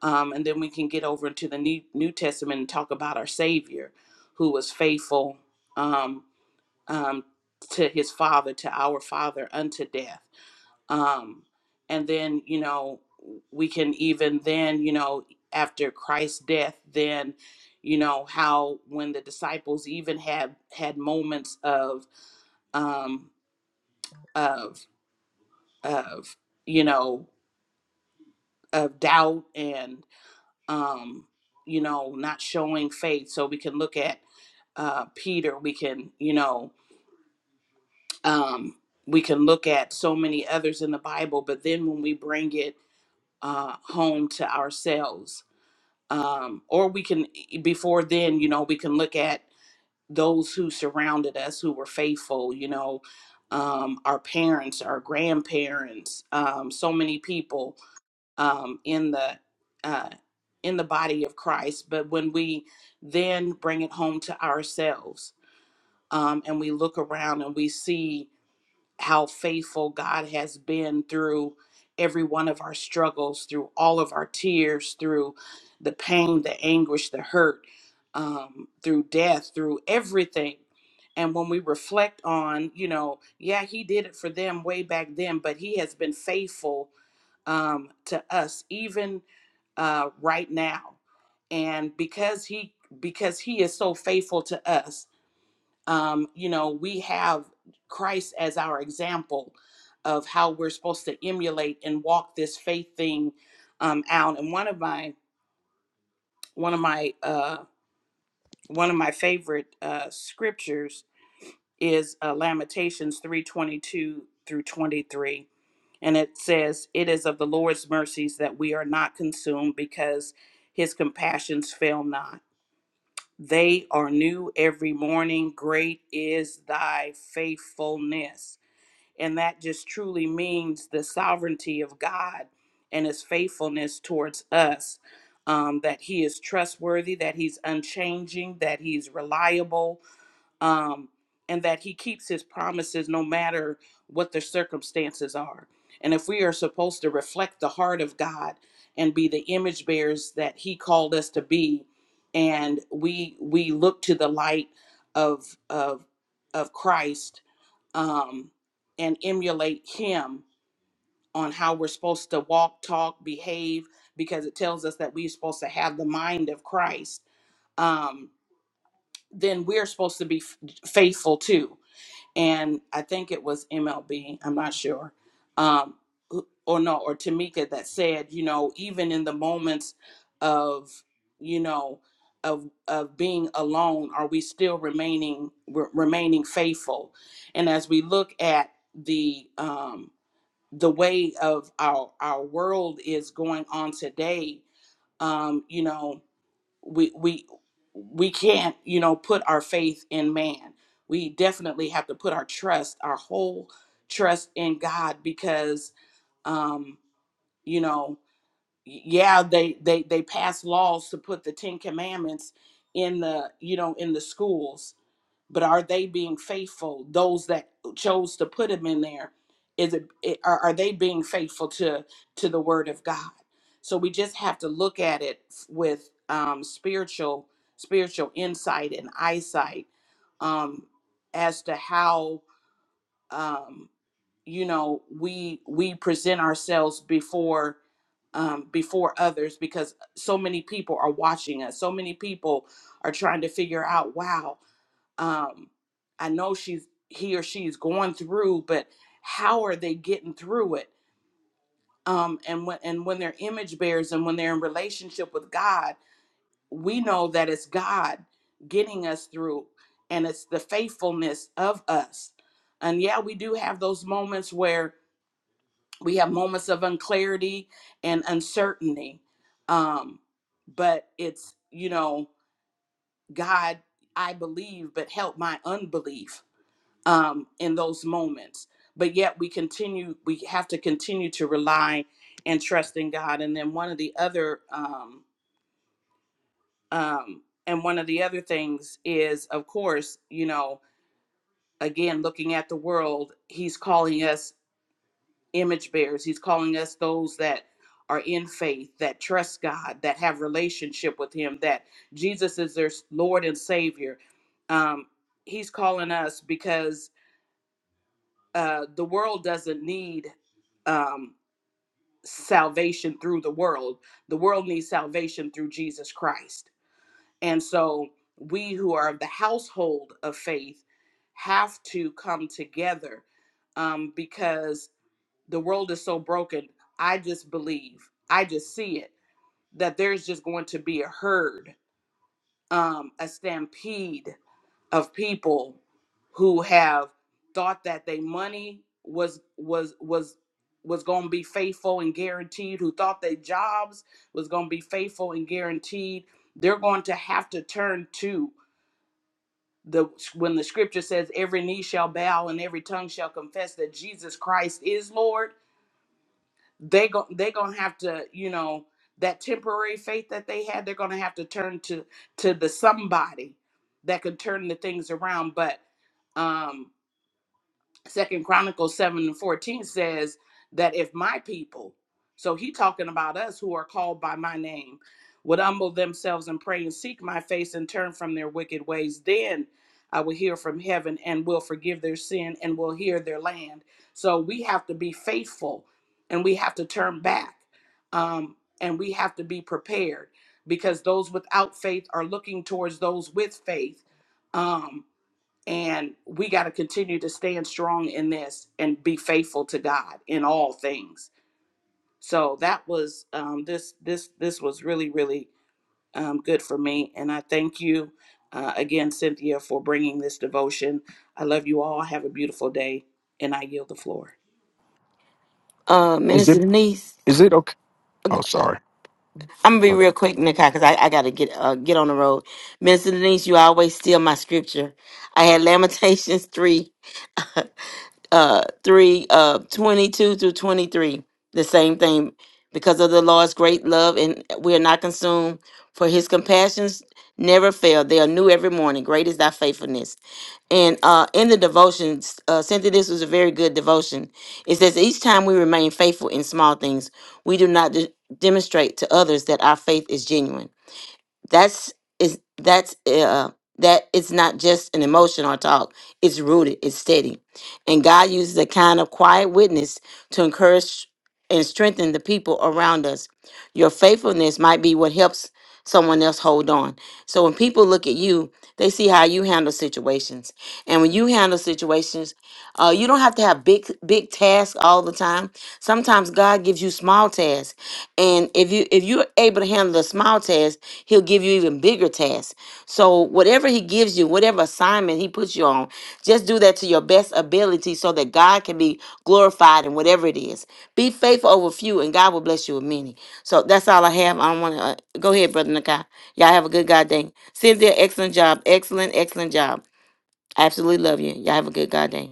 Speaker 4: um, and then we can get over into the new, new testament and talk about our savior who was faithful um, um, to his father to our father unto death um, and then you know we can even then you know after christ's death then you know how when the disciples even had had moments of um of of you know of doubt and um, you know not showing faith so we can look at uh, peter we can you know um, we can look at so many others in the bible but then when we bring it uh, home to ourselves um, or we can e, before then you know we can look at those who surrounded us who were faithful you know um, our parents our grandparents um, so many people um, in the uh, in the body of Christ, but when we then bring it home to ourselves um, and we look around and we see how faithful God has been through every one of our struggles, through all of our tears, through the pain, the anguish, the hurt, um, through death, through everything. And when we reflect on, you know, yeah, He did it for them way back then, but He has been faithful um, to us even uh, right now. And because He because He is so faithful to us, um, you know, we have Christ as our example of how we're supposed to emulate and walk this faith thing um, out. And one of my one of my uh, one of my favorite uh, scriptures is uh, Lamentations three twenty two through twenty three, and it says, "It is of the Lord's mercies that we are not consumed, because His compassions fail not." They are new every morning. Great is thy faithfulness And that just truly means the sovereignty of God and his faithfulness towards us. Um, that he is trustworthy, that he's unchanging, that he's reliable, um, and that he keeps his promises no matter what the circumstances are. And if we are supposed to reflect the heart of God and be the image bearers that he called us to be, and we we look to the light of of of Christ um, and emulate him on how we're supposed to walk, talk, behave, because it tells us that we're supposed to have the mind of Christ, um, then we're supposed to be f- faithful too and I think it was MLB, I'm not sure, um, who- or no, or Tamika that said, you know, even in the moments of, you know, of of being alone, are we still remaining re- remaining faithful? And as we look at the um, the way of our our world is going on today, um, you know we we we can't you know put our faith in man we definitely have to put our trust our whole trust in god because um you know yeah they they they pass laws to put the 10 commandments in the you know in the schools but are they being faithful those that chose to put him in there is it, it are, are they being faithful to to the word of god so we just have to look at it with um spiritual spiritual insight and eyesight um as to how um you know we we present ourselves before um, before others because so many people are watching us so many people are trying to figure out wow um i know she's he or she's going through but how are they getting through it um and when and when they're image bearers and when they're in relationship with god we know that it's god getting us through and it's the faithfulness of us and yeah we do have those moments where we have moments of unclarity and uncertainty um but it's you know god i believe but help my unbelief um, in those moments. But yet we continue, we have to continue to rely and trust in God. And then one of the other, um, um, and one of the other things is, of course, you know, again, looking at the world, He's calling us image bearers. He's calling us those that are in faith, that trust God, that have relationship with Him, that Jesus is their Lord and Savior. Um, he's calling us because uh, the world doesn't need um, salvation through the world. The world needs salvation through Jesus Christ. And so we who are of the household of faith have to come together um, because the world is so broken. I just believe, I just see it, that there's just going to be a herd, um, a stampede of people who have thought that their money was was was was going to be faithful and guaranteed who thought their jobs was going to be faithful and guaranteed they're going to have to turn to the when the scripture says every knee shall bow and every tongue shall confess that Jesus Christ is Lord they go they're gonna have to you know that temporary faith that they had they're gonna have to turn to to the somebody that could turn the things around but um Second Chronicles 7 and 14 says that if my people, so he talking about us who are called by my name, would humble themselves and pray and seek my face and turn from their wicked ways, then I will hear from heaven and will forgive their sin and will hear their land. So we have to be faithful and we have to turn back um, and we have to be prepared because those without faith are looking towards those with faith. Um, and we got to continue to stand strong in this and be faithful to God in all things. So that was um, this this this was really really um, good for me, and I thank you uh, again, Cynthia, for bringing this devotion. I love you all. Have a beautiful day, and I yield the floor.
Speaker 3: Uh,
Speaker 7: Is
Speaker 3: Minister
Speaker 7: it
Speaker 3: Denise,
Speaker 7: is it okay? Oh, sorry.
Speaker 3: I'm gonna be
Speaker 7: Go
Speaker 3: real
Speaker 7: ahead.
Speaker 3: quick, Nikai, because I, I gotta get uh, get on the road. Minister Denise, you always steal my scripture. I had Lamentations three. uh 3 uh 22 through 23 the same thing because of the lord's great love and we are not consumed for his compassions never fail they are new every morning great is thy faithfulness and uh in the devotions uh cynthia this was a very good devotion it says each time we remain faithful in small things we do not de- demonstrate to others that our faith is genuine that's is that's uh that it's not just an emotional talk it's rooted it's steady and god uses a kind of quiet witness to encourage and strengthen the people around us your faithfulness might be what helps someone else hold on so when people look at you they see how you handle situations and when you handle situations uh, you don't have to have big big tasks all the time. Sometimes God gives you small tasks, and if you if you're able to handle the small tasks, He'll give you even bigger tasks. So whatever He gives you, whatever assignment He puts you on, just do that to your best ability, so that God can be glorified in whatever it is. Be faithful over few, and God will bless you with many. So that's all I have. I don't want to uh, go ahead, brother Nakai. Y'all have a good God day. Cynthia, excellent job, excellent excellent job. I Absolutely love you. Y'all have a good God day.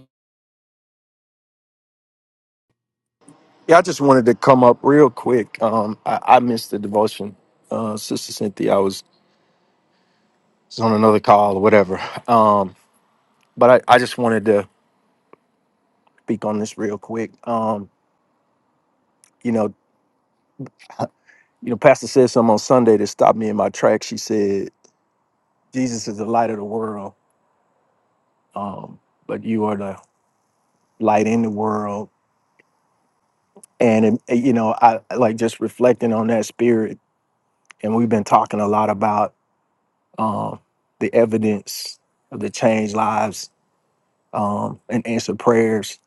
Speaker 7: Yeah, I just wanted to come up real quick. Um, I, I missed the devotion, uh, Sister Cynthia. I was, was on another call or whatever. Um, but I, I just wanted to speak on this real quick. Um, you know, you know, Pastor said something on Sunday that stopped me in my tracks. She said, "Jesus is the light of the world, um, but you are the light in the world." And it, you know, I I like just reflecting on that spirit. And we've been talking a lot about um, the evidence of the changed lives um, and answered prayers.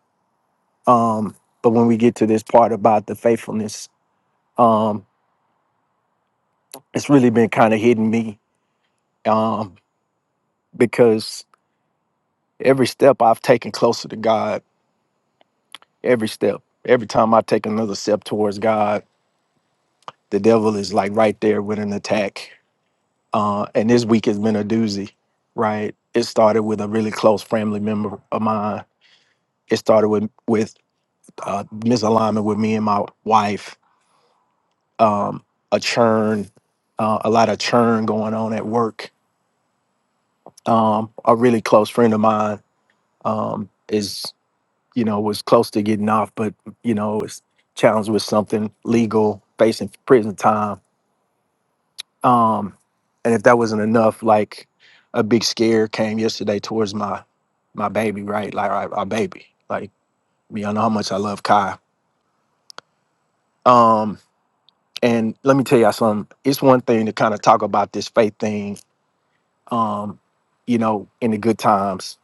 Speaker 7: Um, but when we get to this part about the faithfulness, um, it's really been kind of hitting me um, because every step I've taken closer to God, every step, every time I take another step towards God, the devil is like right there with an attack. Uh, and this week has been a doozy, right? It started with a really close family member of mine. It started with with uh, misalignment with me and my wife, um, a churn, uh, a lot of churn going on at work. Um, a really close friend of mine um, is, you know, was close to getting off, but you know, was challenged with something legal, facing prison time. Um, and if that wasn't enough, like a big scare came yesterday towards my my baby, right? Like our, our baby. Like, you know how much I love Kai. Um, And let me tell y'all something. It's one thing to kind of talk about this faith thing, um, you know, in the good times,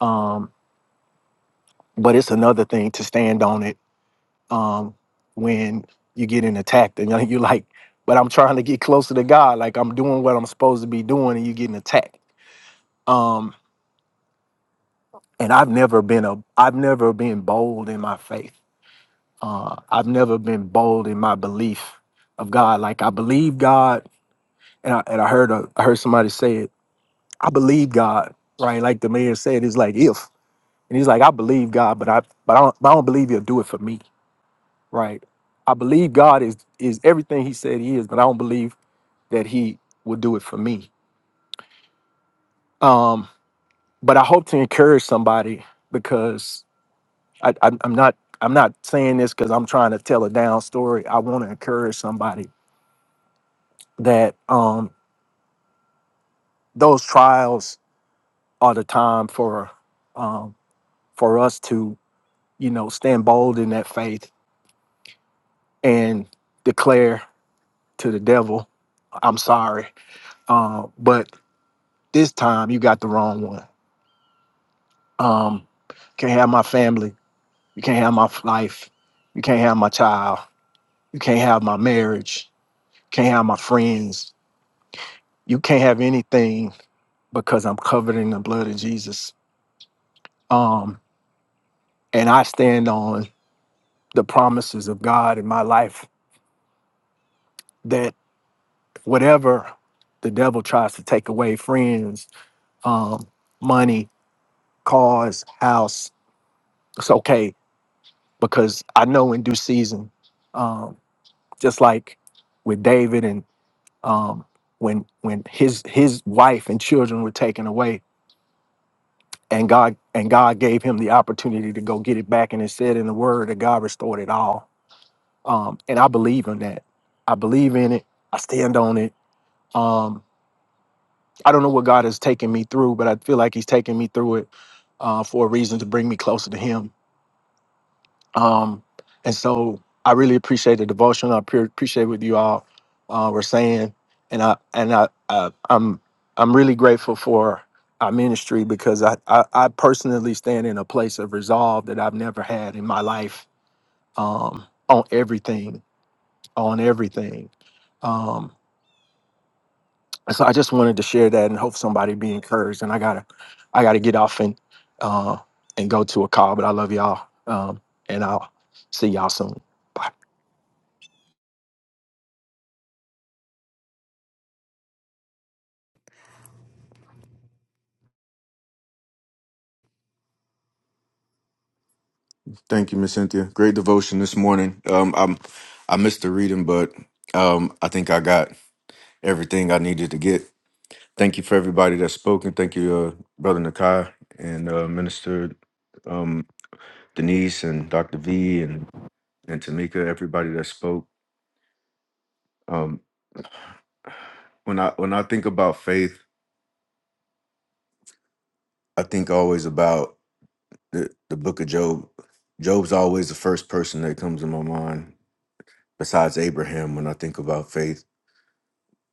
Speaker 7: um, but it's another thing to stand on it um, when you get in attacked and you're like, but I'm trying to get closer to God. Like I'm doing what I'm supposed to be doing, and you're getting attacked. Um, and I've never been a, I've never been bold in my faith. Uh, I've never been bold in my belief of God. Like I believe God, and I, and I heard a, I heard somebody say it I believe God, right? Like the mayor said, it's like if, and he's like, I believe God, but I, but I don't, but I don't believe He'll do it for me, right? I believe God is is everything He said He is, but I don't believe that He will do it for me. Um, but I hope to encourage somebody because I, I, I'm not I'm not saying this because I'm trying to tell a down story. I want to encourage somebody that um, those trials are the time for um, for us to you know stand bold in that faith and declare to the devil, I'm sorry. Uh, but this time you got the wrong one. Um, can't have my family. You can't have my life. You can't have my child. You can't have my marriage. Can't have my friends. You can't have anything because I'm covered in the blood of Jesus. Um, and I stand on the promises of God in my life that whatever the devil tries to take away friends, um, money, cars, house. It's okay because I know in due season, um, just like with David and um, when when his his wife and children were taken away, and God and God gave him the opportunity to go get it back, and it said in the Word that God restored it all. Um, and I believe in that. I believe in it. I stand on it. Um, I don't know what God has taken me through, but I feel like He's taken me through it uh, for a reason to bring me closer to Him Um, and so I really appreciate the devotion. I pre- appreciate what you all uh, were saying, and I and I, I I'm I'm really grateful for our ministry because I, I I personally stand in a place of resolve that I've never had in my life um, on everything on everything. Um, and so I just wanted to share that and hope somebody be encouraged. And I gotta I gotta get off and uh, and go to a call, but I love y'all um, and I'll see y'all soon. Bye.
Speaker 8: Thank you, Miss Cynthia. Great devotion this morning. Um, I'm I missed the reading, but um, I think I got everything I needed to get. Thank you for everybody that's spoken. Thank you, uh, Brother Nakai and uh, Minister um, Denise and Dr. V and and Tamika. Everybody that spoke. Um, when I when I think about faith, I think always about the, the Book of Job. Job's always the first person that comes to my mind, besides Abraham. When I think about faith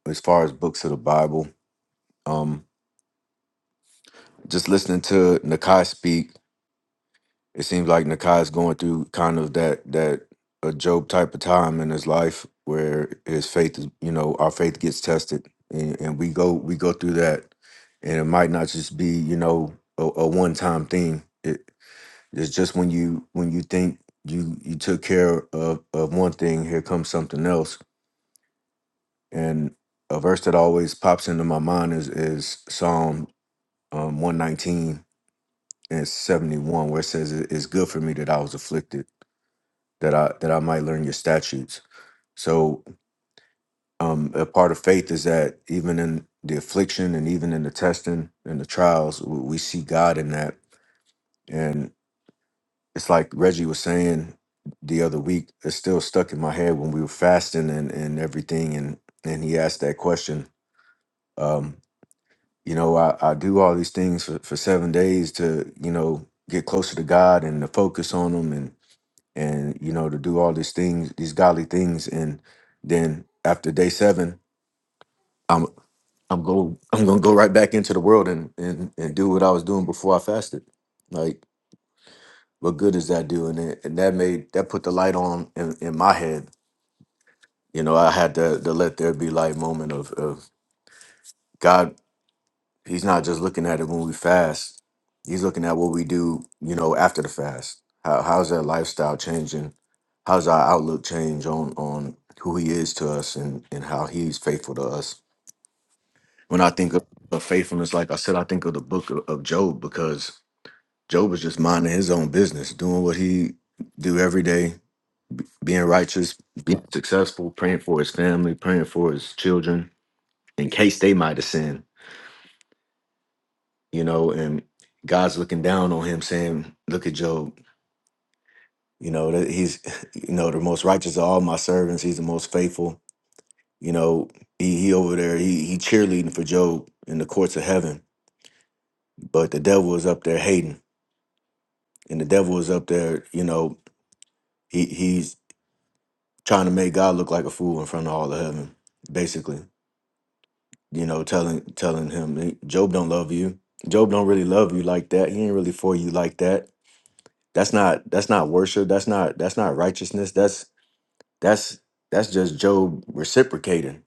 Speaker 8: as far as books of the Bible. Um, just listening to Nakai speak, it seems like Nakai is going through kind of that that a Job type of time in his life where his faith is, you know, our faith gets tested, and, and we go we go through that, and it might not just be you know a, a one time thing. It, it's just when you when you think you you took care of of one thing, here comes something else, and a verse that always pops into my mind is is Psalm um, 119 and 71 where it says "It- it's good for me that i was afflicted that i that i might learn your statutes so um, a part of faith is that even in the affliction and even in the testing and the trials w- we see god in that and it's like reggie was saying the other week it's still stuck in my head when we were fasting and, and everything and and he asked that question um, you know i, I do all these things for, for seven days to you know get closer to god and to focus on him and and you know to do all these things these godly things and then after day seven i'm i'm go i'm gonna go right back into the world and and, and do what i was doing before i fasted like what good is that doing and, and that made that put the light on in, in my head you know i had the the let there be light moment of of god He's not just looking at it when we fast. He's looking at what we do, you know, after the fast. How how's that lifestyle changing? How's our outlook change on on who he is to us and and how he's faithful to us? When I think of, of faithfulness, like I said, I think of the book of, of Job because Job was just minding his own business, doing what he do every day, being righteous, being successful, praying for his family, praying for his children in case they might have sinned you know, and God's looking down on him saying, Look at Job, you know, that he's, you know, the most righteous of all my servants. He's the most faithful. You know, he, he over there, he, he cheerleading for Job in the courts of heaven. But the devil is up there hating. And the devil is up there, you know, he, he's trying to make God look like a fool in front of all of heaven, basically. You know, telling telling him, "Hey, Job don't love you. Job don't really love you like that. He ain't really for you like that That's not that's not worship. That's not that's not righteousness. That's that's that's just Job reciprocating.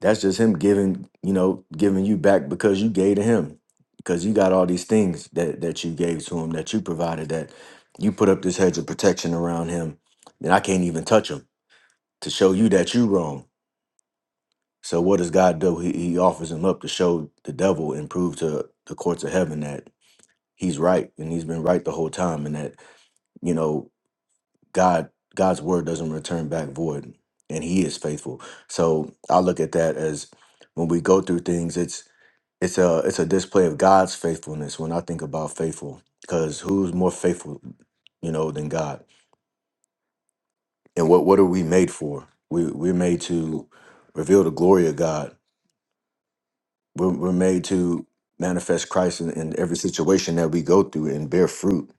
Speaker 8: That's just him giving, you know, giving you back because you gave to him. Because you got all these things that that you gave to him, that you provided, that you put up this hedge of protection around him, and I can't even touch him to show you that you wrong. So what does God do? He, he offers him up to show the devil and prove to the courts of heaven that he's right and he's been right the whole time, and that you know God God's word doesn't return back void, and He is faithful. So I look at that as when we go through things, it's it's a it's a display of God's faithfulness. When I think about faithful, because who's more faithful, you know, than God? And what what are we made for? We we're made to reveal the glory of God. We're, we're made to manifest Christ in, in every situation that we go through and bear fruit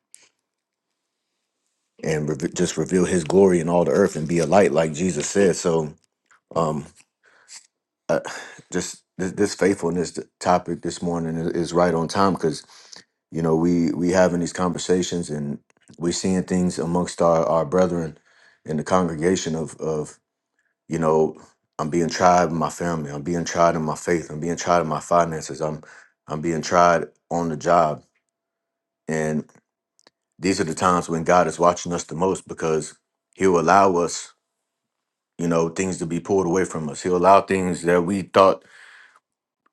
Speaker 8: and reve just reveal His glory in all the earth and be a light, like Jesus said. So. Um, uh, just this, this faithfulness t- topic this morning is, is right on time because you know we we having these conversations and we seeing things amongst our our brethren in the congregation of of you know I'm being tried in my family, I'm being tried in my faith, I'm being tried in my finances, I'm I'm being tried on the job, and these are the times when God is watching us the most because He'll allow us you know things to be pulled away from us. He'll allow things that we thought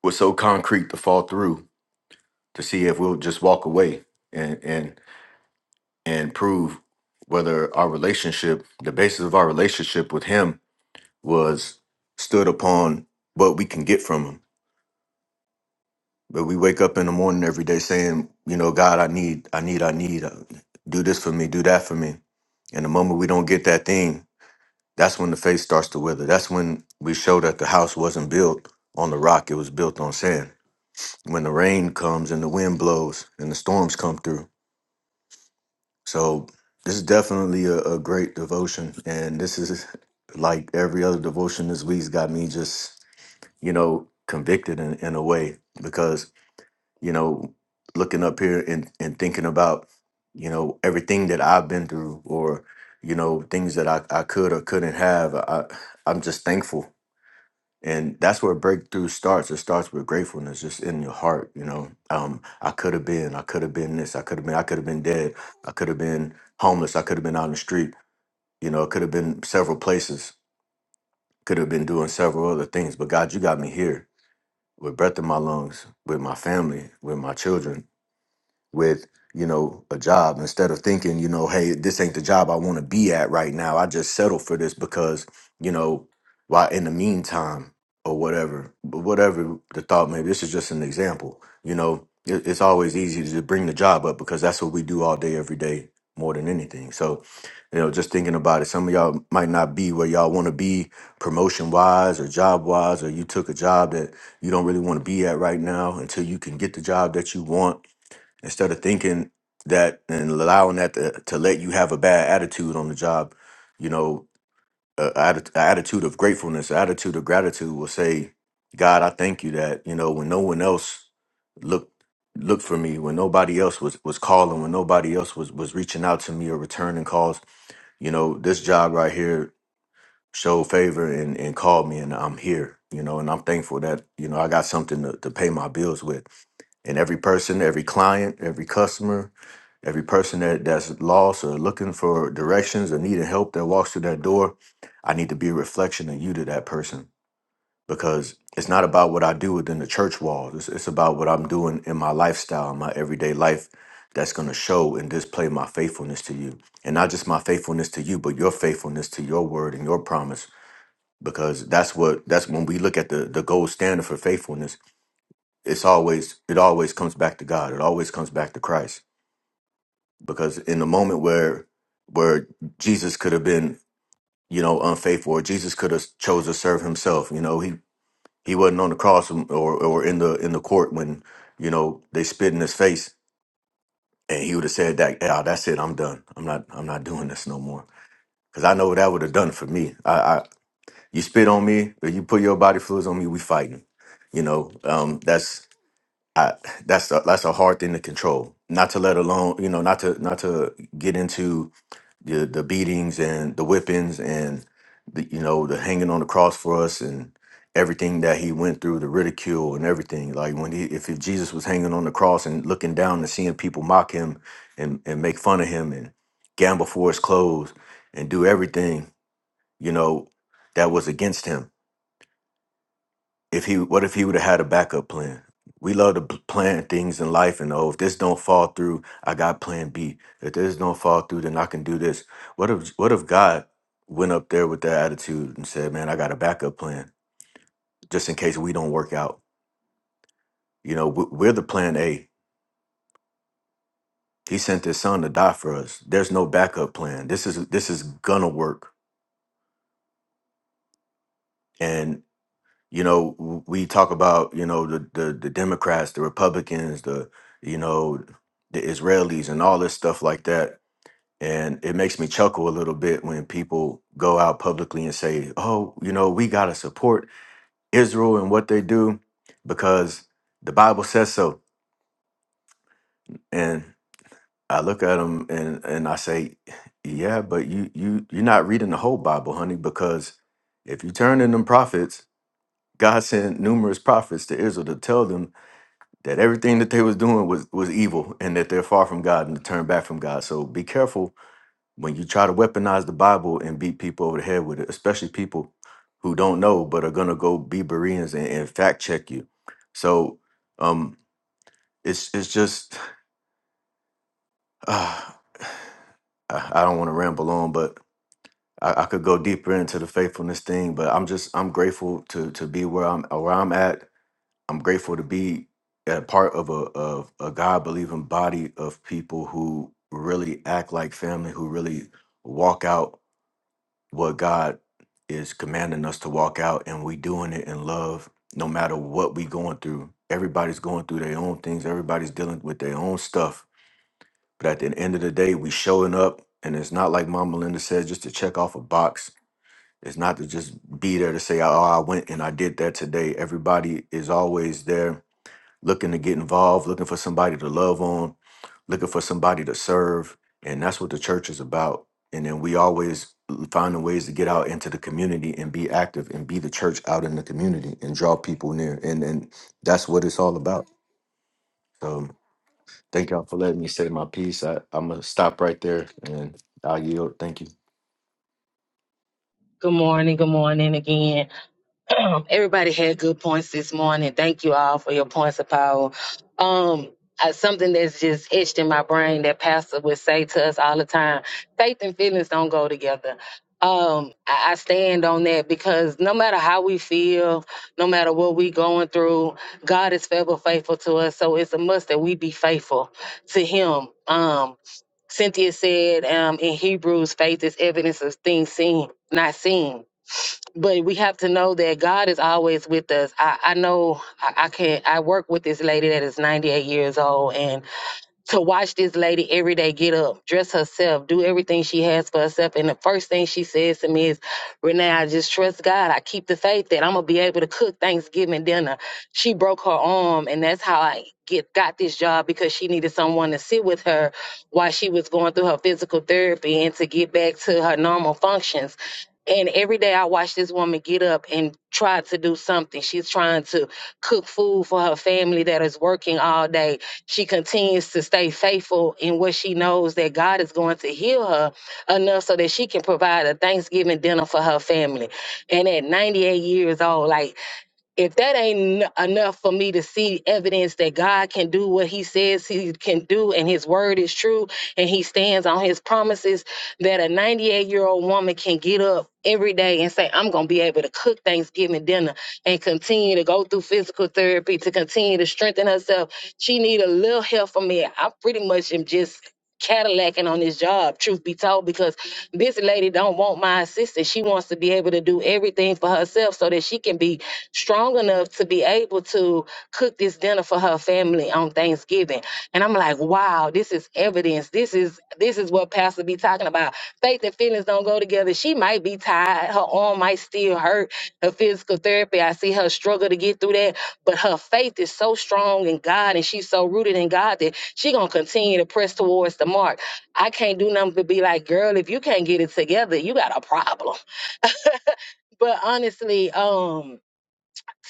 Speaker 8: were so concrete to fall through to see if we'll just walk away and and and prove whether our relationship, the basis of our relationship with him, was stood upon what we can get from him. But we wake up in the morning every day saying, you know, God, I need, I need, I need, uh, do this for me, do that for me. And the moment we don't get that thing, that's when the faith starts to wither. That's when we show that the house wasn't built on the rock; it was built on sand. When the rain comes and the wind blows and the storms come through So this is definitely a, a great devotion, and this is like every other devotion this week's got me just you know convicted in, in a way because you know looking up here and, and thinking about you know everything that I've been through or you know things that I, I could or couldn't have I I'm just thankful and that's where breakthrough starts it starts with gratefulness just in your heart you know um i could have been i could have been this i could have been i could have been dead i could have been homeless i could have been out on the street you know it could have been several places could have been doing several other things but god you got me here with breath in my lungs with my family with my children with you know a job instead of thinking you know hey this ain't the job i want to be at right now i just settle for this because you know while in the meantime or whatever but whatever the thought maybe this is just an example you know it, it's always easy to just bring the job up because that's what we do all day every day more than anything so you know just thinking about it some of y'all might not be where y'all want to be promotion wise or job wise or you took a job that you don't really want to be at right now until you can get the job that you want instead of thinking that and allowing that to, to let you have a bad attitude on the job you know a, atti- a attitude of gratefulness an attitude of gratitude will say god i thank you that you know when no one else looked looked for me when nobody else was was calling when nobody else was was reaching out to me or returning calls you know this job right here showed favor and and called me and i'm here you know and i'm thankful that you know i got something to, to pay my bills with and every person, every client, every customer, every person that, that's lost or looking for directions or needing help that walks through that door, I need to be a reflection of you to that person because it's not about what I do within the church walls. It's, it's about what I'm doing in my lifestyle, in my everyday life that's going to show and display my faithfulness to you. And not just my faithfulness to you, but your faithfulness to your word and your promise because that's what that's when we look at the the gold standard for faithfulness it's always it always comes back to God. It always comes back to Christ. Because in the moment where where Jesus could have been, you know, unfaithful, or Jesus could have chose to serve himself, you know, he he wasn't on the cross um, or or in the in the court when you know they spit in his face, and he would have said that, "Yeah, that's it. I'm done. I'm not. I'm not doing this no more." Because I know what that would have done for me. I, I you spit on me, or you put your body fluids on me, we fighting. You know, um, that's I, that's a, that's a hard thing to control. Not to let alone, you know, not to not to get into the the beatings and the whippings and the you know the hanging on the cross for us and everything that he went through, the ridicule and everything. Like when he, if, if Jesus was hanging on the cross and looking down and seeing people mock him and and make fun of him and gamble for his clothes and do everything, you know, that was against him if he what if he would have had a backup plan we love to p- plan things in life and oh if this don't fall through i got plan b if this don't fall through then i can do this what if what if god went up there with that attitude and said man i got a backup plan just in case we don't work out you know we- we're the plan a he sent his son to die for us there's no backup plan this is this is gonna work you know w- we talk about you know the the, the democrats the republicans the you know the israelis and all this stuff like that and it makes me chuckle a little bit when people go out publicly and say oh you know we got to support israel and what they do because the bible says so and i look at them and and i say yeah but you you you're not reading the whole bible honey because if you turn in them prophets God sent numerous prophets to Israel to tell them that everything that they was doing was was evil and that they're far from God and to turn back from God. So be careful when you try to weaponize the Bible and beat people over the head with it, especially people who don't know but are gonna go be Bereans and, and fact check you. So um it's it's just uh, I I don't want to ramble on, but I, I could go deeper into the faithfulness thing. But I'm just I'm grateful to to be where I'm where I'm at I'm grateful to be a part of a of a God believing body of people who really act like family, who really walk out what God is commanding us to walk out, and we doing it in love, no matter what we going through. Everybody's going through their own things. Everybody's dealing with their own stuff. But at the end of the day, we showing up, and it's not like Mama Linda said, just to check off a box. It's not to just be there to say, "Oh, I went and I did that today." Everybody is always there looking to get involved, looking for somebody to love on, looking for somebody to serve. And that's what the church is about. And then we always finding ways to get out into the community and be active and be the church out in the community and draw people near. And and that's what it's all about. So thank y'all for letting me say my piece. I, I'm gonna stop right there and I'll yield. Thank you.
Speaker 1: Good morning, good morning again. Um, Everybody had good points this morning. Thank you all for your points of power. Um, uh, something that's just etched in my brain that Pastor would say to us all the time: faith and feelings don't go together. Um, I, I stand on that because no matter how we feel, no matter what we going through, God is forever faithful to us. So it's a must that we be faithful to Him. Um, Cynthia said um, in Hebrews, faith is evidence of things seen, not seen but we have to know that God is always with us. I, I know I, I can I work with this lady that is 98 years old and to watch this lady every day get up, dress herself, do everything she has for herself. And the first thing she says to me is, Renee, I just trust God. I keep the faith that I'm gonna be able to cook Thanksgiving dinner. She broke her arm and that's how I get got this job because she needed someone to sit with her while she was going through her physical therapy and to get back to her normal functions. And every day I watch this woman get up and try to do something. She's trying to cook food for her family that is working all day. She continues to stay faithful in what she knows that God is going to heal her enough so that she can provide a Thanksgiving dinner for her family. And at 98 years old, like if that ain't en- enough for me to see evidence that God can do what he says he can do and his word is true and he stands on his promises, that a 98 year old woman can get up every day and say, I'm going to be able to cook Thanksgiving dinner and continue to go through physical therapy to continue to strengthen herself. She need a little help from me. I pretty much am just Cadillacing on this job, truth be told, because this lady don't want my assistance. She wants to be able to do everything for herself so that she can be strong enough to be able to cook this dinner for her family on Thanksgiving. And I'm like, wow, this is evidence. This is this is what Pastor be talking about. Faith and feelings don't go together. She might be tired. Her arm might still hurt. Her physical therapy, I see her struggle to get through that. But her faith is so strong in God and she's so rooted in God that she gonna continue to press towards the mark. I can't do nothing but be like, girl, if you can't get it together, you got a problem. But honestly, um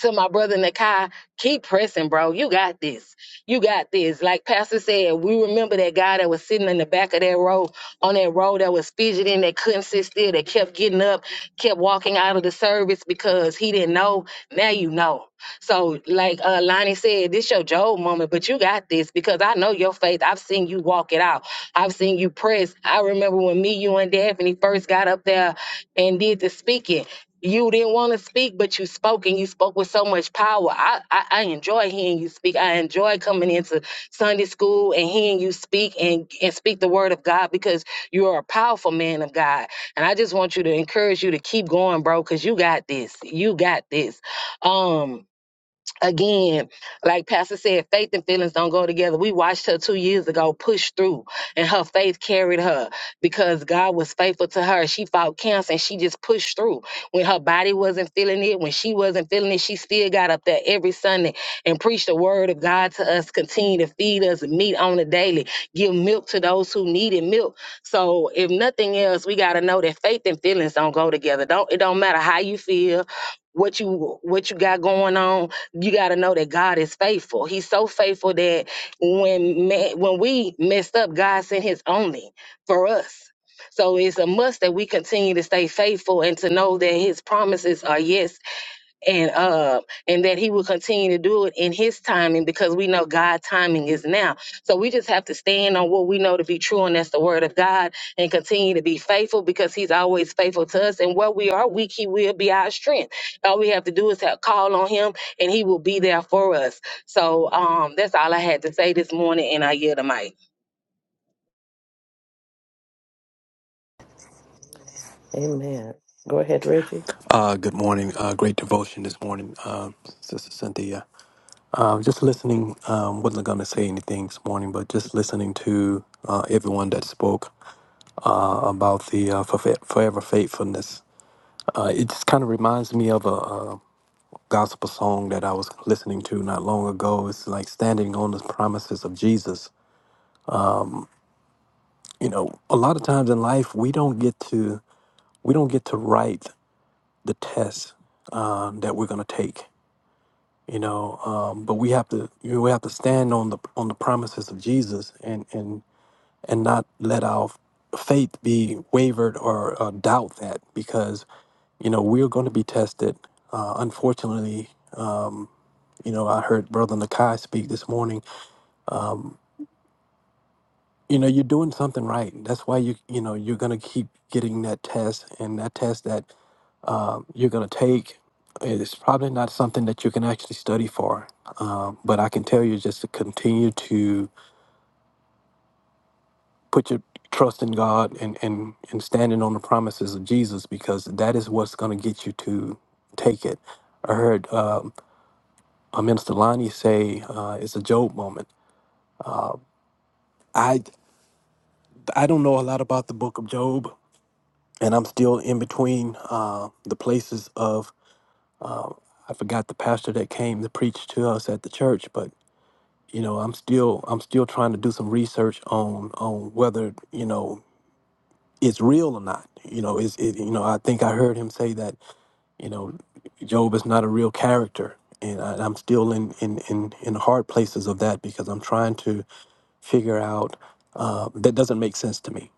Speaker 1: to my brother Nakai, keep pressing, bro. You got this. You got this. Like Pastor said, we remember that guy that was sitting in the back of that road, on that road that was fidgeting, that couldn't sit still, that kept getting up, kept walking out of the service because he didn't know. Now you know. So, like uh, Lonnie said, this your Job moment, but you got this because I know your faith. I've seen you walk it out. I've seen you press. I remember when me, you, and Daphne first got up there and did the speaking you didn't want to speak, but you spoke and you spoke with so much power. I, I, I enjoy hearing you speak. I enjoy coming into Sunday school and hearing you speak and, and speak the word of God because you are a powerful man of God. And I just want you to encourage you to keep going, bro, because you got this. You got this. Um, again, like Pastor said, faith and feelings don't go together. We watched her two years ago push through, and her faith carried her because God was faithful to her. She fought cancer and she just pushed through. When her body wasn't feeling it, when she wasn't feeling it, she still got up there every Sunday and preached the word of God to us, continue to feed us meat on the daily, give milk to those who needed milk. So if nothing else, we gotta know that faith and feelings don't go together. Don't it don't matter how you feel, what you what you got going on you got to know that God is faithful. He's so faithful that when man, when we messed up, God sent His only for us. So it's a must that we continue to stay faithful and to know that His promises are yes and uh and that he will continue to do it in his timing because we know God's timing is now. So we just have to stand on what we know to be true and that's the word of God and continue to be faithful because he's always faithful to us and where we are weak he will be our strength. All we have to do is have call on him and he will be there for us. So um that's all I had to say this morning and I yield the mic.
Speaker 2: Amen. Go ahead, Reggie.
Speaker 9: Uh, good morning. Uh, great devotion this morning, um, Sister Cynthia. Um, just listening, um, wasn't going to say anything this morning, but just listening to uh, everyone that spoke uh, about the uh, forfe- forever faithfulness. Uh, it just kind of reminds me of a, a gospel song that I was listening to not long ago. It's like standing on the promises of Jesus. You know, a lot of times in life we don't get to we don't get to write the test um, that we're going to take. you know um, but we have to you know, we have to stand on the on the promises of jesus and and and not let our faith be wavered or uh, doubt that because you know we're going to be tested uh, unfortunately you know i heard brother nakai speak this morning um, you know you're doing something right that's why you you know you're gonna keep getting that test and that test that um, you're gonna take is probably not something that you can actually study for um, but i can tell you just to continue to put your trust in god and and and standing on the promises of jesus because that is what's gonna get you to take it i heard um, uh, minister lonnie say uh, it's a job moment i i don't know a lot about the book of job and I'm still in between uh, the places of uh, I forgot the pastor that came to preach to us at the church, but you know I'm still I'm still trying to do some research on on whether you know it's real or not. You know, is it you know I think I heard him say that you know Job is not a real character, and I, I'm still in in in in the hard places of that because I'm trying to figure out uh, that doesn't make sense to me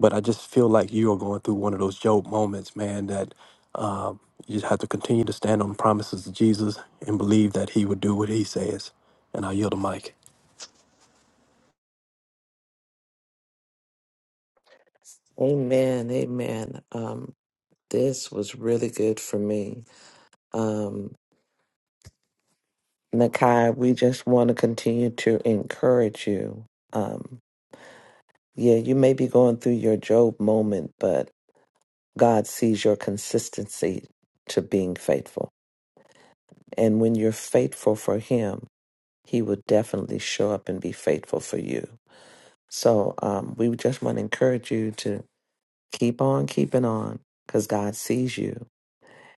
Speaker 9: but I just feel like you are going through one of those Job moments, man, that um, you just have to continue to stand on the promises of Jesus and believe that he would do what he says. And I yield the mic.
Speaker 2: Amen. Amen. This was really good for me. Um, Nakai, we just want to continue to encourage you. Um, yeah, you may be going through your Job moment, but God sees your consistency to being faithful. And when you're faithful for Him, He will definitely show up and be faithful for you. So um, we just want to encourage you to keep on keeping on because God sees you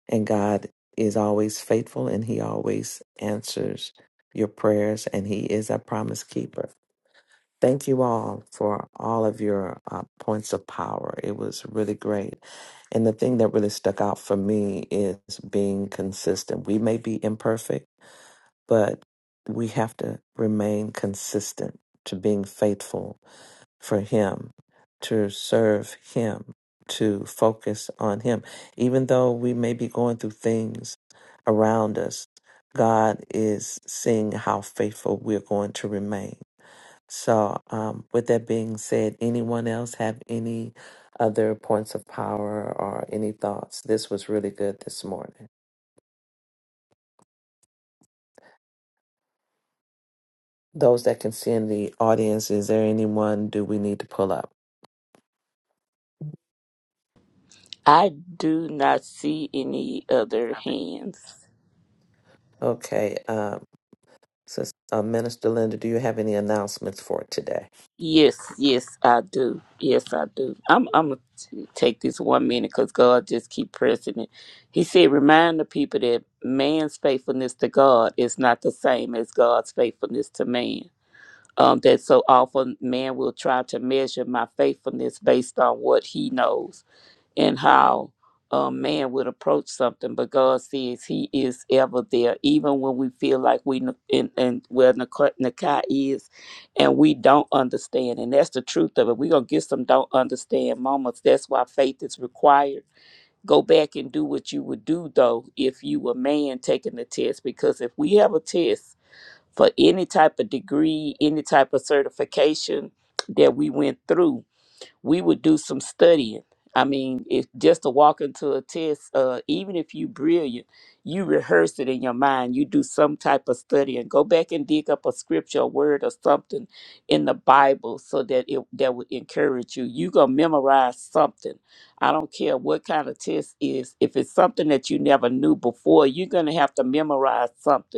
Speaker 2: And God is always faithful and He always answers your prayers and He is a promise keeper. Thank you all for all of your uh, points of power. It was really great. And the thing that really stuck out for me is being consistent. We may be imperfect, but we have to remain consistent to being faithful for Him, to serve Him, to focus on Him. Even though we may be going through things around us, God is seeing how faithful we're going to remain. So, um, with that being said, anyone else have any other points of power or any thoughts? This was really good this morning. Those that can see in the audience, is there anyone do we need to pull up?
Speaker 5: I do not see any other hands.
Speaker 2: Okay, uh, Sister, uh, Minister Linda, do you have any announcements for today?
Speaker 5: Yes, yes, I do. Yes, I do. I'm I'm gonna t- take this one minute because God just keep pressing it. He said, "Remind the people that man's faithfulness to God is not the same as God's faithfulness to man. Um, that so often man will try to measure my faithfulness based on what he knows. and how a man would approach something, but God says He is ever there, even when we feel like we n- and, and where Nakai Nakai is, and we don't understand. And that's the truth of it. We're gonna get some don't understand moments. That's why faith is required. Go back and do what you would do though if you were man taking the test, because if we have a test for any type of degree, any type of certification that we went through, we would do some studying. I mean, if just to walk into a test, uh, even if you brilliant, you rehearse it in your mind. You do some type of study and go back and dig up a scripture, a word, or something in the Bible, so that it that would encourage you. You gonna memorize something. I don't care what kind of test is. If it's something that you never knew before, you're gonna have to memorize something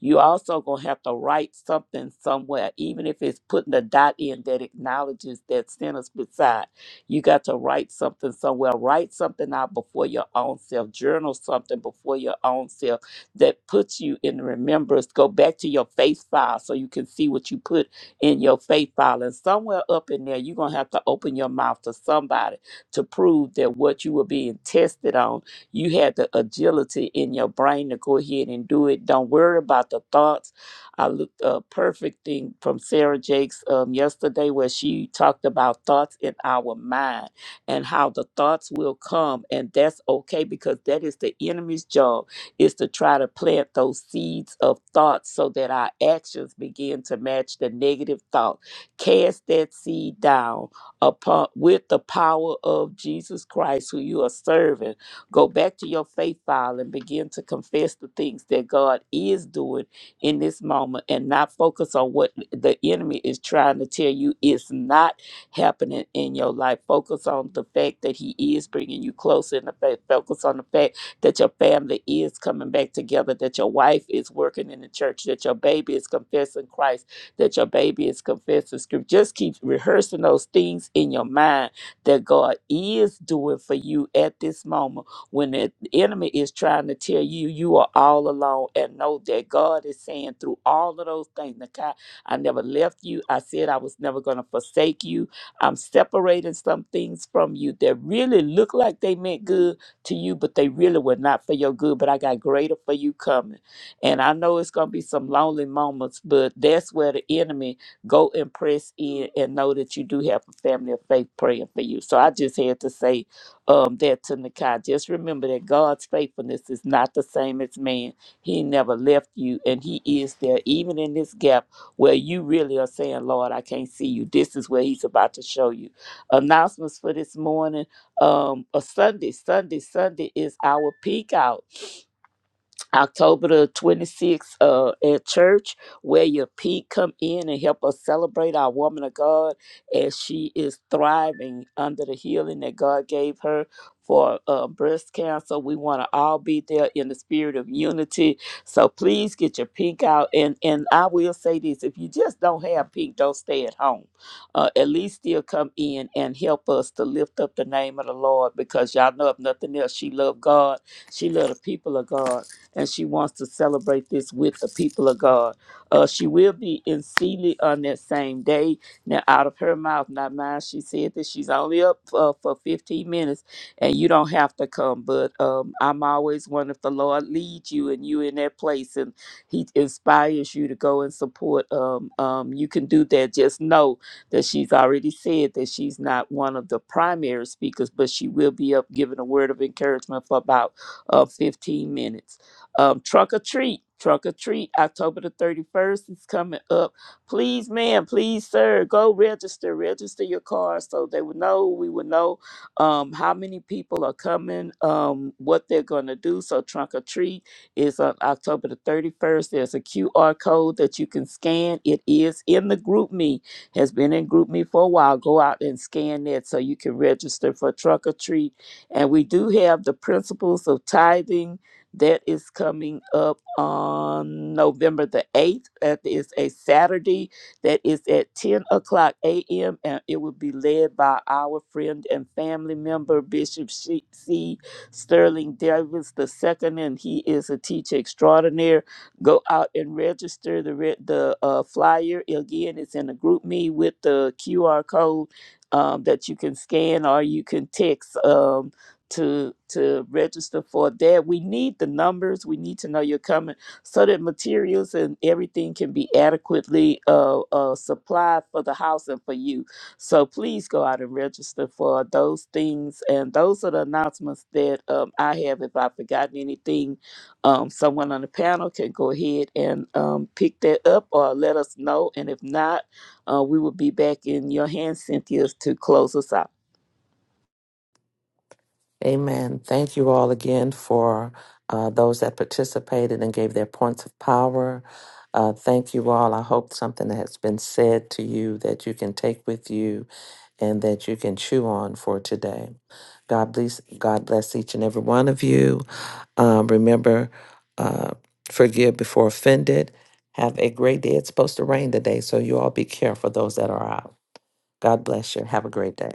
Speaker 5: you also gonna have to write something somewhere, even if it's putting a dot in that acknowledges that sentence beside. You got to write something somewhere. Write something out before your own self. Journal something before your own self that puts you in remembrance. Go back to your faith file so you can see what you put in your faith file. And somewhere up in there, you're gonna have to open your mouth to somebody to prove that what you were being tested on you have the agility in your brain to go ahead and do it. Don't worry about the thoughts. I looked a perfect thing from Sarah Jakes um, yesterday where she talked about thoughts in our mind and how the thoughts will come. And that's okay because that is the enemy's job is to try to plant those seeds of thoughts so that our actions begin to match the negative thought. Cast that seed down upon with the power of Jesus Christ who you are serving Go back to your faith file and begin to confess the things that God is doing in this moment and not focus on what the enemy is trying to tell you is not happening in your life. Focus on the fact that he is bringing you closer in the faith. Focus on the fact that your family is coming back together, that your wife is working in the church, that your baby is confessing Christ, that your baby is confessing scripture. Just keep rehearsing those things in your mind that God is doing for you at this moment when the enemy is trying to tell you you are all alone and know that God is saying through all of those things, Nakai, I never left you. I said I was never going to forsake you. I'm separating some things from you that really look like they meant good to you, but they really were not for your good. But I got greater for you coming. And I know it's going to be some lonely moments, but that's where the enemy go and press in and know that you do have a family of faith praying for you. So I just had to say um, there to Nakai. Just remember that God's faithfulness is not the same as man. He never left you, and He is there, even in this gap where you really are saying, Lord, I can't see you. This is where He's about to show you. Announcements for this morning. Um, a Sunday, Sunday, Sunday is our peak out. October the 26th uh, at church, where your Pete come in and help us celebrate our woman of God as she is thriving under the healing that God gave her for uh, breast cancer. We want to all be there in the spirit of unity. So please get your pink out. And, and I will say this, if you just don't have pink, don't stay at home. Uh, at least still come in and help us to lift up the name of the Lord because y'all know if nothing else, she loved God. She loved the people of God and she wants to celebrate this with the people of God. Uh, she will be in Sealy on that same day. Now, out of her mouth, not mine, she said that she's only up uh, for 15 minutes and you don't have to come. But um, I'm always one if the Lord leads you and you in that place and He inspires you to go and support, um, um, you can do that. Just know that she's already said that she's not one of the primary speakers, but she will be up giving a word of encouragement for about uh, 15 minutes. Um, truck or treat, Trunk or treat, October the 31st is coming up. Please, ma'am, please, sir, go register, register your car so they will know, we will know um, how many people are coming, um, what they're going to do. So, trunk or treat is on October the 31st. There's a QR code that you can scan. It is in the group me, has been in group me for a while. Go out and scan that so you can register for Trunk or treat. And we do have the principles of tithing that is coming up on November the 8th. That is a Saturday. That is at 10 o'clock a.m. And it will be led by our friend and family member, Bishop C. C. Sterling Davis the second, And he is a teacher extraordinaire. Go out and register the, re- the uh, flyer. Again, it's in a group me with the QR code um, that you can scan or you can text. um to to register for that. We need the numbers. We need to know you're coming so that materials and everything can be adequately uh, uh, supplied for the house and for you. So please go out and register for those things. And those are the announcements that um, I have. If I've forgotten anything, um, someone on the panel can go ahead and um, pick that up or let us know. And if not, uh, we will be back in your hands, Cynthia, to close us out.
Speaker 2: Amen. Thank you all again for uh, those that participated and gave their points of power. Uh, thank you all. I hope something that has been said to you that you can take with you and that you can chew on for today. God bless, God bless each and every one of you. Um, remember, uh, forgive before offended. Have a great day. It's supposed to rain today, so you all be careful, those that are out. God bless you. Have a great day.